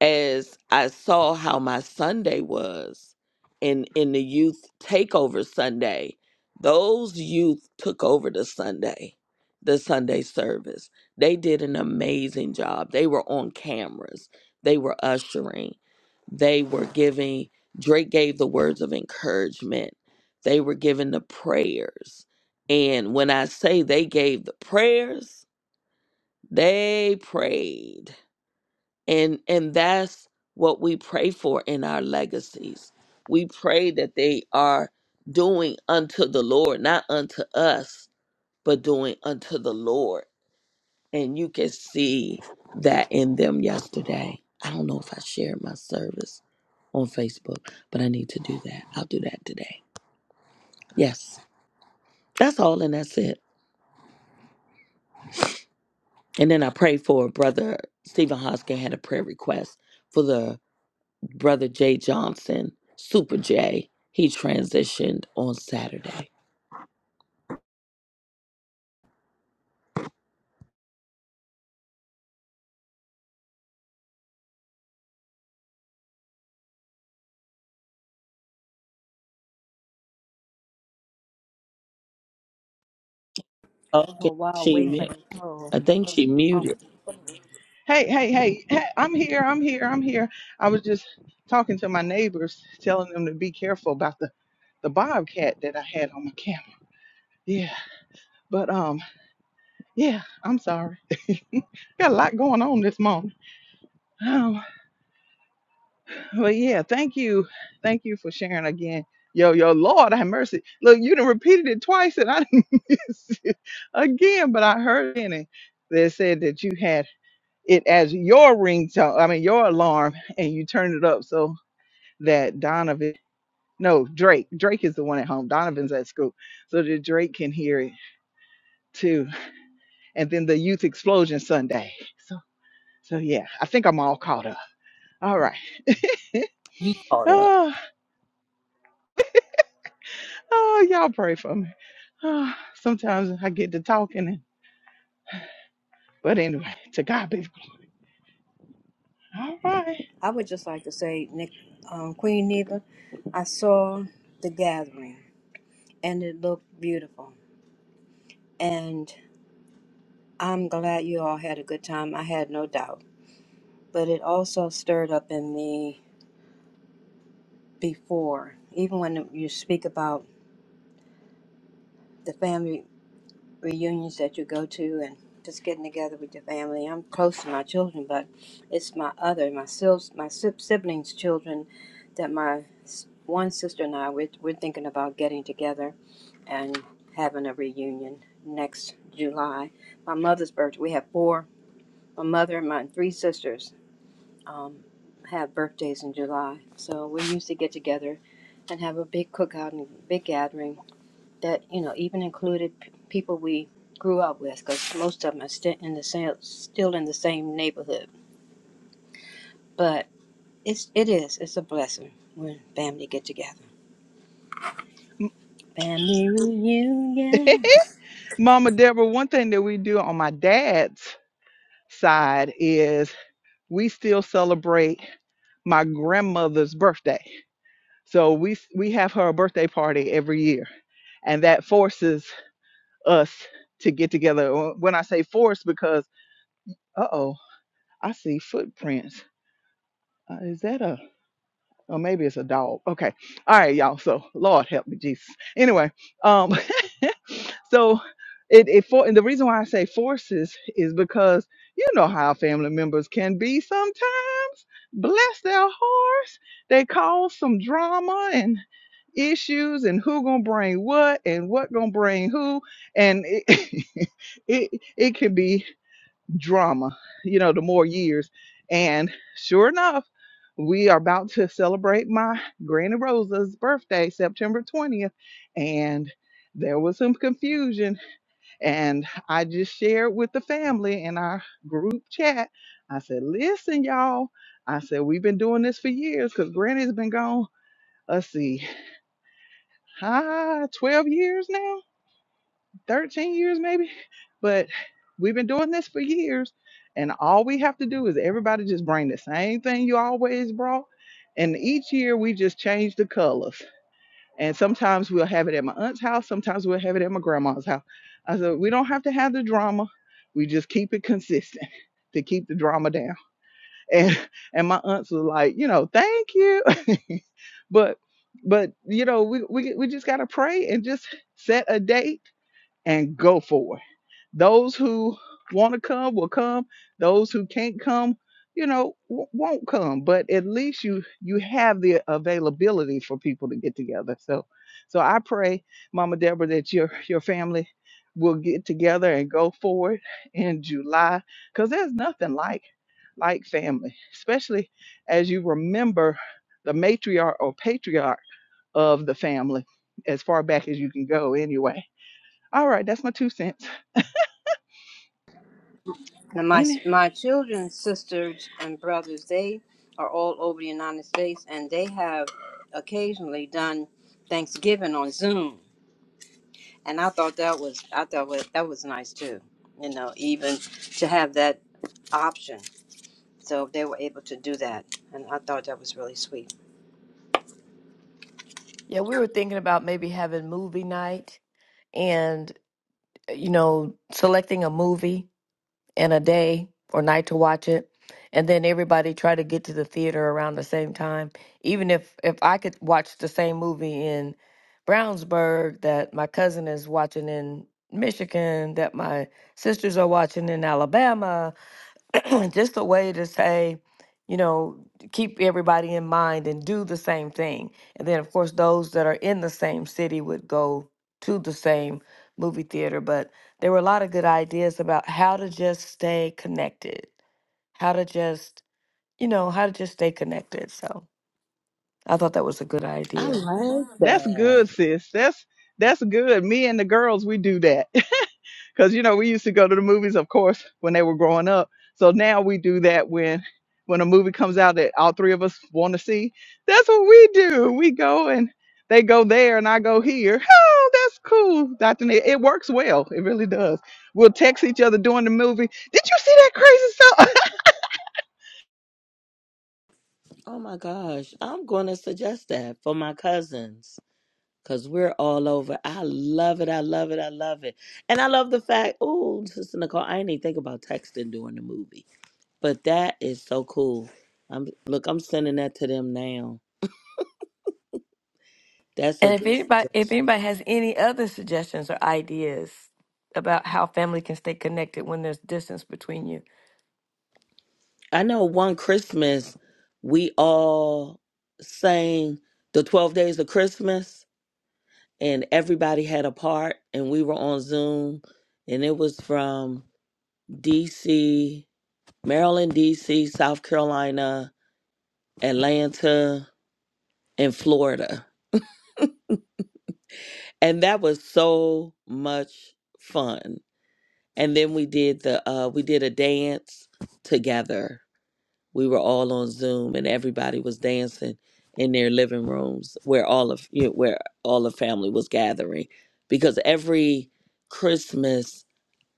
S7: as I saw how my Sunday was in in the youth takeover Sunday, those youth took over the Sunday, the Sunday service. They did an amazing job. They were on cameras. They were ushering. They were giving Drake gave the words of encouragement. They were giving the prayers. And when I say they gave the prayers, they prayed. And and that's what we pray for in our legacies. We pray that they are doing unto the Lord, not unto us, but doing unto the Lord. And you can see that in them yesterday. I don't know if I shared my service on Facebook, but I need to do that. I'll do that today. Yes. That's all and that's it. And then I prayed for brother Stephen Hoskin had a prayer request for the. Brother Jay Johnson, Super Jay, he transitioned on Saturday. Okay,
S4: Well, while
S7: she
S4: waiting for
S7: mu-
S4: Nicole,
S7: I think she
S4: um,
S7: muted.
S1: (sighs) hey, hey, hey, hey, I'm here, I'm here, I'm here. I was just talking to my neighbors, telling them to be careful about the, the bobcat that I had on my camera. Yeah. But um Yeah, I'm sorry. (laughs) Got a lot going on this morning. Um, but yeah, thank you. Thank you for sharing again. Yo, yo, Lord, have mercy. Look, you done repeated it twice and I didn't (laughs) miss it again, but I heard in it that said that you had it as your ringtone, I mean, your alarm, and you turned it up so that Donovan, no, Drake, Drake is the one at home. Donovan's at school. So that Drake can hear it too. And then the youth explosion Sunday. So, so yeah, I think I'm all caught up. All right. (laughs)
S7: You caught up.
S1: Oh, oh, y'all pray for me. Oh, sometimes I get to talking, and, but anyway, to God be. the glory.
S4: I would just like to say, Nick, um, Queen Neva, I saw the gathering and it looked beautiful. And I'm glad you all had a good time. I had no doubt. But it also stirred up in me before, even when you speak about the family reunions that you go to and just getting together with your family. I'm close to my children, but it's my other, my sis, my si- siblings' children that my s- one sister and I, we're, we're thinking about getting together and having a reunion next July. My mother's birthday, we have four, my mother and my three sisters um, have birthdays in July. So we used to get together and have a big cookout and big gathering that you know even included p- people we grew up with because most of them are still in the same still in the same neighborhood but it's it is it's a blessing when family get together
S1: All
S4: family
S1: right.
S4: reunion
S1: (laughs) Mama Deborah, one thing that we do on my dad's side is we still celebrate my grandmother's birthday. So we we have her birthday party every year, and that forces us to get together. When I say force, because uh oh, I see footprints. Uh, is that a? Or maybe it's a dog. Okay. All right, y'all. So Lord help me, Jesus. Anyway, um, (laughs) so it, it for and the reason why I say forces is because you know how family members can be sometimes. Bless their hearts. They cause some drama and issues and who gonna bring what and what gonna bring who and it (laughs) it, it can be drama, you know, the more years. And sure enough, we are about to celebrate my Granny Rosa's birthday, September 20th. And there was some confusion. And I just shared with the family in our group chat. I said, listen, y'all. I said, we've been doing this for years because Granny's been gone, let's see, ah, 12 years now 13 years maybe but we've been doing this for years and all we have to do is everybody just bring the same thing you always brought and each year we just change the colors and sometimes we'll have it at my aunt's house sometimes we'll have it at my grandma's house i said we don't have to have the drama we just keep it consistent (laughs) to keep the drama down and and my aunts was like you know thank you (laughs) but but you know we, we we just gotta pray and just set a date and go for it those who want to come will come. Those who can't come, you know, w- won't come. But at least you you have the availability for people to get together. So, so I pray, Mama Deborah, that your your family will get together and go forward in July, because there's nothing like like family, especially as you remember the matriarch or patriarch of the family as far back as you can go anyway all right that's my two cents
S4: now my
S1: Any.
S4: my children's sisters and brothers they are all over the united states and they have occasionally done thanksgiving on zoom and i thought that was i thought wa- that was nice too you know even to have that option So they were able to do that. And I thought that was really sweet.
S6: Yeah, we were thinking about maybe having movie night and you know selecting a movie and a day or night to watch it and then everybody try to get to the theater around the same time even if if i could watch the same movie in brownsburg that my cousin is watching in michigan that my sisters are watching in alabama (clears throat) just a way to say, you know, keep everybody in mind and do the same thing. And then, of course, those that are in the same city would go to the same movie theater. But there were a lot of good ideas about how to just stay connected, how to just, you know, how to just stay connected. So I thought that was a good
S7: I
S6: idea.
S7: like
S1: That's
S7: that.
S1: good, sis. That's that's good. Me and the girls, we do that. (laughs) Cause you know, we used to go to the movies, of course, when they were growing up. So now we do that when when a movie comes out that all three of us want to see. That's what we do. We go and they go there and I go here. (laughs) Oh, that's cool, Dr. Neil. It works well. It really does. We'll text each other during the movie. Did you see that crazy stuff?
S7: Oh my gosh, I'm going to suggest that for my cousins. because we're all over. I love it. I love it. I love it. And I love the fact, oh, Sister Nicole, I didn't even think about texting during the movie. But that is so cool. I'm look, I'm sending that to them now. That's a
S6: And if
S7: good
S6: anybody,
S7: suggestion.
S6: if anybody has any other suggestions or ideas about how family can stay connected when there's distance between you,
S7: I know one Christmas we all sang the twelve days of Christmas and everybody had a part and we were on Zoom and it was from DC, Maryland, DC, South Carolina, Atlanta in Florida. And that was so much fun. And then we did the uh we did a dance together. We were all on Zoom and everybody was dancing in their living rooms where all of you know, where all the family was gathering because every Christmas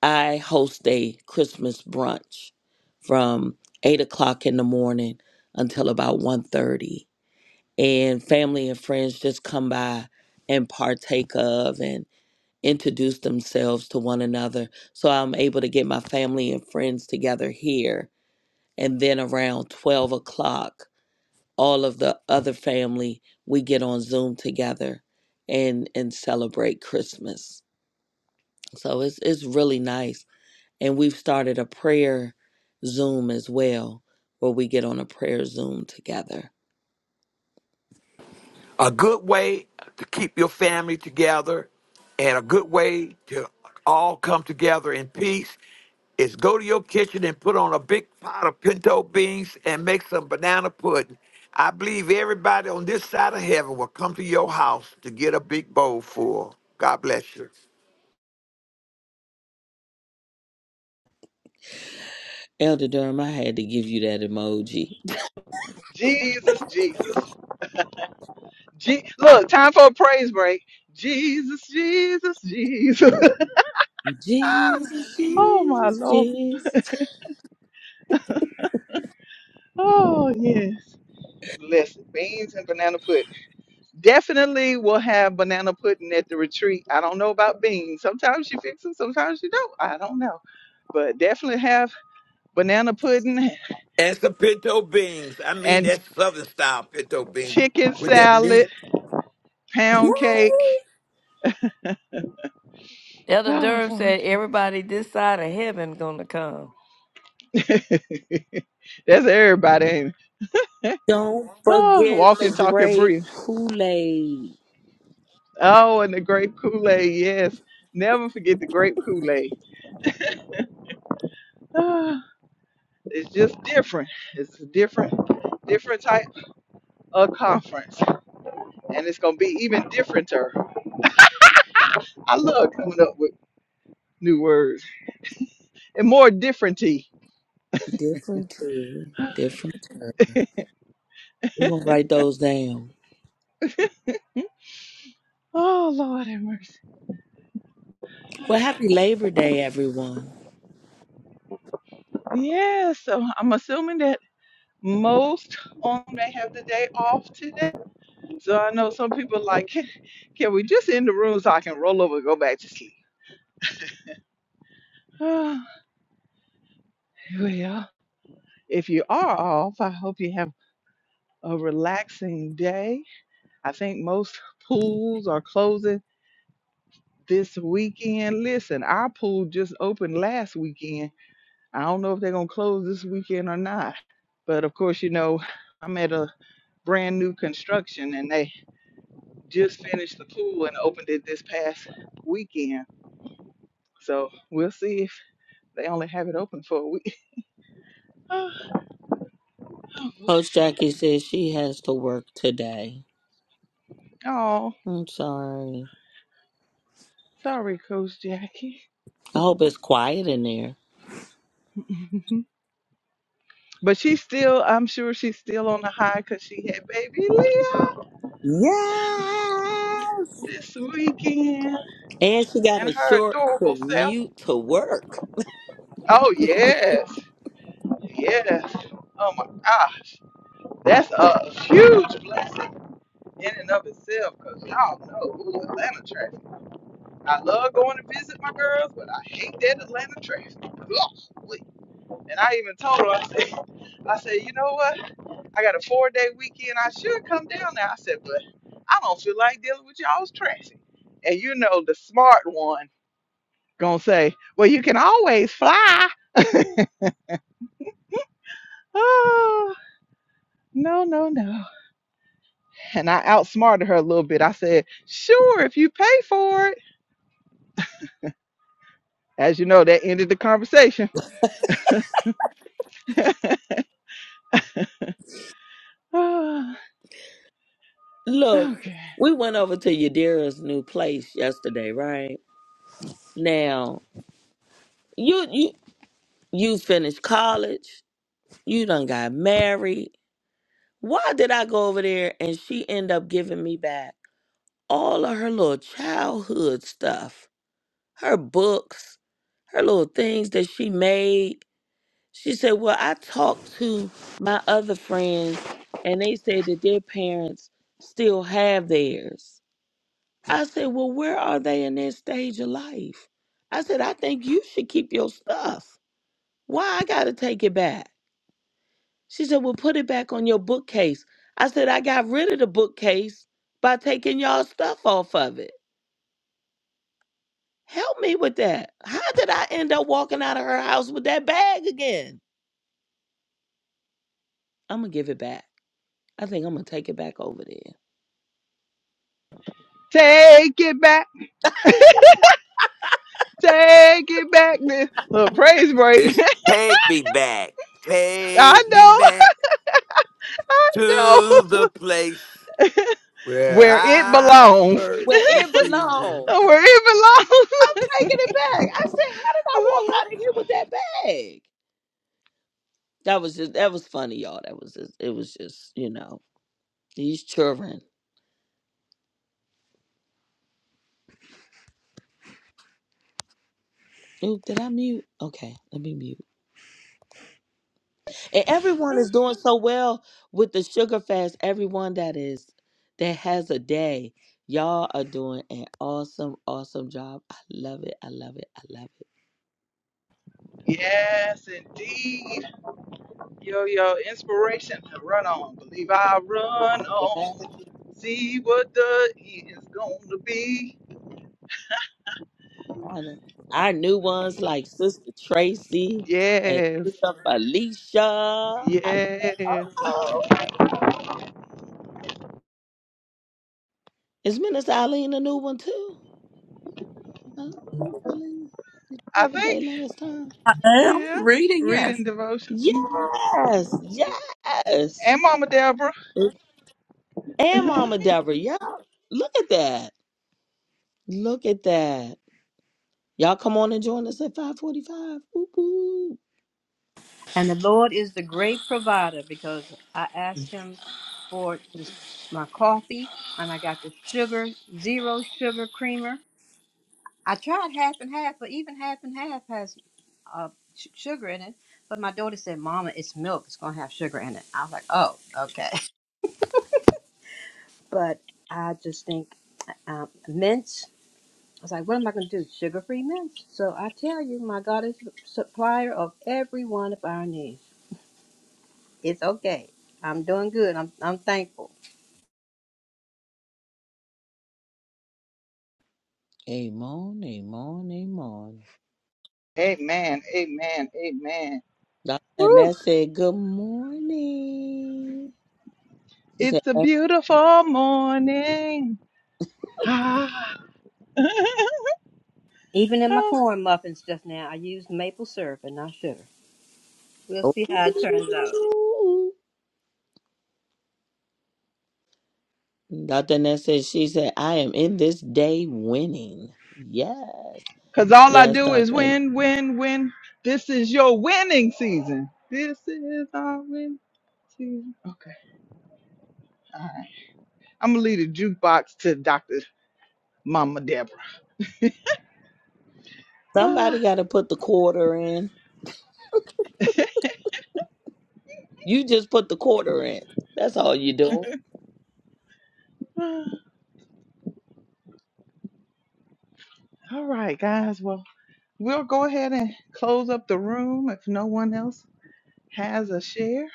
S7: I host a Christmas brunch from eight o'clock in the morning until about one thirty. and family and friends just come by and partake of and introduce themselves to one another. So I'm able to get my family and friends together here. And then around 12 o'clock, all of the other family, we get on Zoom together and, and celebrate Christmas. So it's, it's really nice. And we've started a prayer Zoom as well, where we get on a prayer Zoom together.
S3: a good way to keep your family together and a good way to all come together in peace is go to your kitchen and put on a big pot of pinto beans and make some banana pudding. I believe everybody on this side of heaven will come to your house to get a big bowl full. God bless you.
S7: Elder Durham, I had to give you that emoji.
S1: (laughs) Jesus, Jesus. Je- Look, time for a praise break. Jesus, Jesus, Jesus. (laughs)
S7: Jesus,
S1: Oh my
S7: Jesus,
S1: lord.
S7: Jesus.
S1: Oh yes. Listen, beans and banana pudding. Definitely will have banana pudding at the retreat. I don't know about beans. Sometimes you fix them, sometimes you don't. I don't know. But definitely have banana pudding
S3: And some pinto beans. I mean,
S1: and
S3: that's Southern style pinto beans
S1: chicken
S3: with that
S1: salad,
S3: meat.
S1: pound cake.
S6: Elder
S1: Oh
S6: Durham
S1: Lord
S6: said,
S1: Jesus.
S6: "Everybody this side of heaven gonna come."
S1: (laughs) That's everybody, ain't it?
S7: Don't
S1: Oh,
S7: forget
S1: walking,
S7: the
S1: talking,
S7: grape
S1: breathe.
S7: Kool-Aid.
S1: Oh, and the grape Kool-Aid, yes. Never forget the grape Kool-Aid. (sighs) It's just different. It's a different, different type of conference, and it's gonna be even differenter. I love coming up with new words and more differenty.
S7: Different tour. Different tour. We're gonna write those down.
S1: Oh Lord have mercy.
S7: Well, happy Labor Day, everyone.
S1: Yeah, so I'm assuming that most on may have the day off today. So I know some people like, can, can we just end the room so I can roll over and go back to sleep? (sighs) well, if you are off, I hope you have a relaxing day. I think most pools are closing. this weekend. Listen, our pool just opened last weekend. I don't know if they're going to close this weekend or not. But of course, you know, I'm at a brand new construction and they just finished the pool and opened it this past weekend. So we'll see if they only have it open for a week. (sighs) Oh,
S7: Coach
S1: bless.
S7: Jackie says she has to work today.
S1: Oh,
S7: I'm sorry.
S1: sorry, Coach Jackie.
S7: I hope it's quiet in there.
S1: (laughs) but she's still, I'm sure she's still on the high because she had baby Leah
S7: Yes.
S1: this weekend.
S7: And she got
S1: And
S7: a
S1: her
S7: short
S1: adorable self.
S7: commute to work.
S1: Oh yes, yes. Oh my gosh, that's a huge blessing in and of itself. Cause y'all know ooh, Atlanta traffic. I love going to visit my girls, but I hate that Atlanta traffic. Golly. And I even told her, I said, I said, you know what? I got a four day weekend. I should come down there. I said, but I don't feel like dealing with y'all's traffic. And you know the smart one gonna say, well, you can always fly. (laughs) Oh, no, no, no. And I outsmarted her a little bit. I said, sure, if you pay for it. As you know, that ended the conversation. Oh,
S7: Look,
S1: okay.
S7: we went over to Yadira's new place yesterday, right? Now, you you you finished college, you done got married. Why did I go over there and she end up giving me back all of her little childhood stuff? Her books, her little things that she made She said, Well, I talked to my other friends and they said that their parents still have theirs. I said, Well, where are they in their stage of life? I said, I think you should keep your stuff. Why I gotta take it back? She said, Well, put it back on your bookcase. I said, I got rid of the bookcase by taking y'all stuff off of it. Help me with that. How did I end up walking out of her house with that bag again? I'm gonna give it back. I think I'm gonna take it back over there.
S1: Take it back. Take it back. This little praise break. (laughs)
S3: It's take me back.
S1: I
S3: Take me
S1: know.
S3: back
S1: I know
S3: to the place. where
S1: where it
S3: I
S1: belongs.
S7: where
S3: first
S7: it
S3: received
S7: belongs.
S3: him.
S1: Where
S7: I'm
S1: it
S7: taking it back. I said, how did I walk
S1: belongs.
S7: out of here with that bag? That was just that was funny, y'all. That was just it was just, you know, these children. Ooh, did I mute? Okay, let me mute. And everyone is doing so well with the sugar fast. Everyone that is that has a day. Y'all are doing an awesome, awesome job. I love it. I love it. I love
S1: (laughs) yes, indeed. Yo, yo, inspiration to run on. Believe I run
S7: it.
S1: on. See what the E is going to be.
S7: Honor. Our new ones like Sister Tracy and
S1: Yes.
S7: Sister Felicia.
S1: Yeah.
S7: Oh, is Minister Eileen a new one too? Huh? Minister Eileen, did you
S1: I
S7: have a day
S1: think,
S7: last time?
S2: (laughs) I'm
S1: yeah.
S2: reading,
S1: Reading devotion. hmm
S7: Yes, yes.
S1: And Mama Deborah.
S7: And Mama Deborah, yeah. Look at that. Look at that. Y'all come on and join us at 545. Whoop, whoop.
S4: And the Lord is the great provider because I asked him for this, my coffee and I got the sugar, zero sugar creamer. I tried half and half, but even half and half has uh, sh- sugar in it. But my daughter said, Mama, it's milk. It's going to have sugar in it. I was like, oh, okay. (laughs) But I just think um, mints. I was like, what am I going to do? Sugar free mints. So I tell you, my God is supplier of every one of our needs. It's okay. I'm doing good. I'm, I'm thankful.
S7: Amen, amen, amen.
S1: Amen. Amen. Amen.
S7: And
S1: Woo.
S7: that said, good morning. She
S1: It's
S7: said,
S1: a beautiful morning. Ah.
S4: Even in my
S1: (laughs)
S4: corn muffins just now, I used maple syrup and not sugar. We'll see how it turns out.
S7: Ooh. Dr. Ness said, she said, I am in this day winning. Yes.
S1: Cause all I
S7: Yes,
S1: do is
S7: Dr.
S1: win, win, win. This is your winning season. This is our winning season. Okay, all right. I'm gonna leave the jukebox to Dr. Mama Deborah.
S7: Somebody
S1: (sighs)
S7: got to put the quarter in. You just put the quarter in. That's all you do.
S1: Ah, ah. all right, guys. Well, we'll go ahead and close up the room if no one else has a share.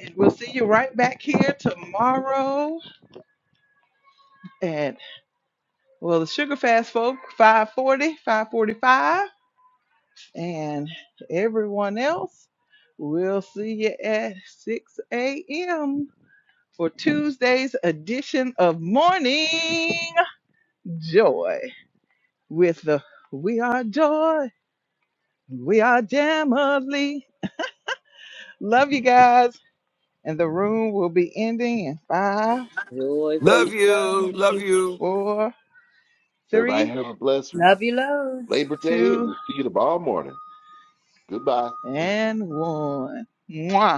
S1: And we'll see you right back here tomorrow at well the Sugar Fast folk 540, 545. And everyone else, we'll see you at 6 a.m. for Tuesday's edition of Morning Joy with the We Are Joy, We Are Jamily. Love you guys. And the room will be ending in five,
S7: Joy for
S3: Love
S7: you.
S3: you, love you.
S1: four,
S5: Everybody
S1: three,
S5: have a blessed
S4: Love you loads.
S5: Labor Day, and
S1: two,
S5: we'll see you tomorrow morning. Goodbye.
S1: and one. Mwah.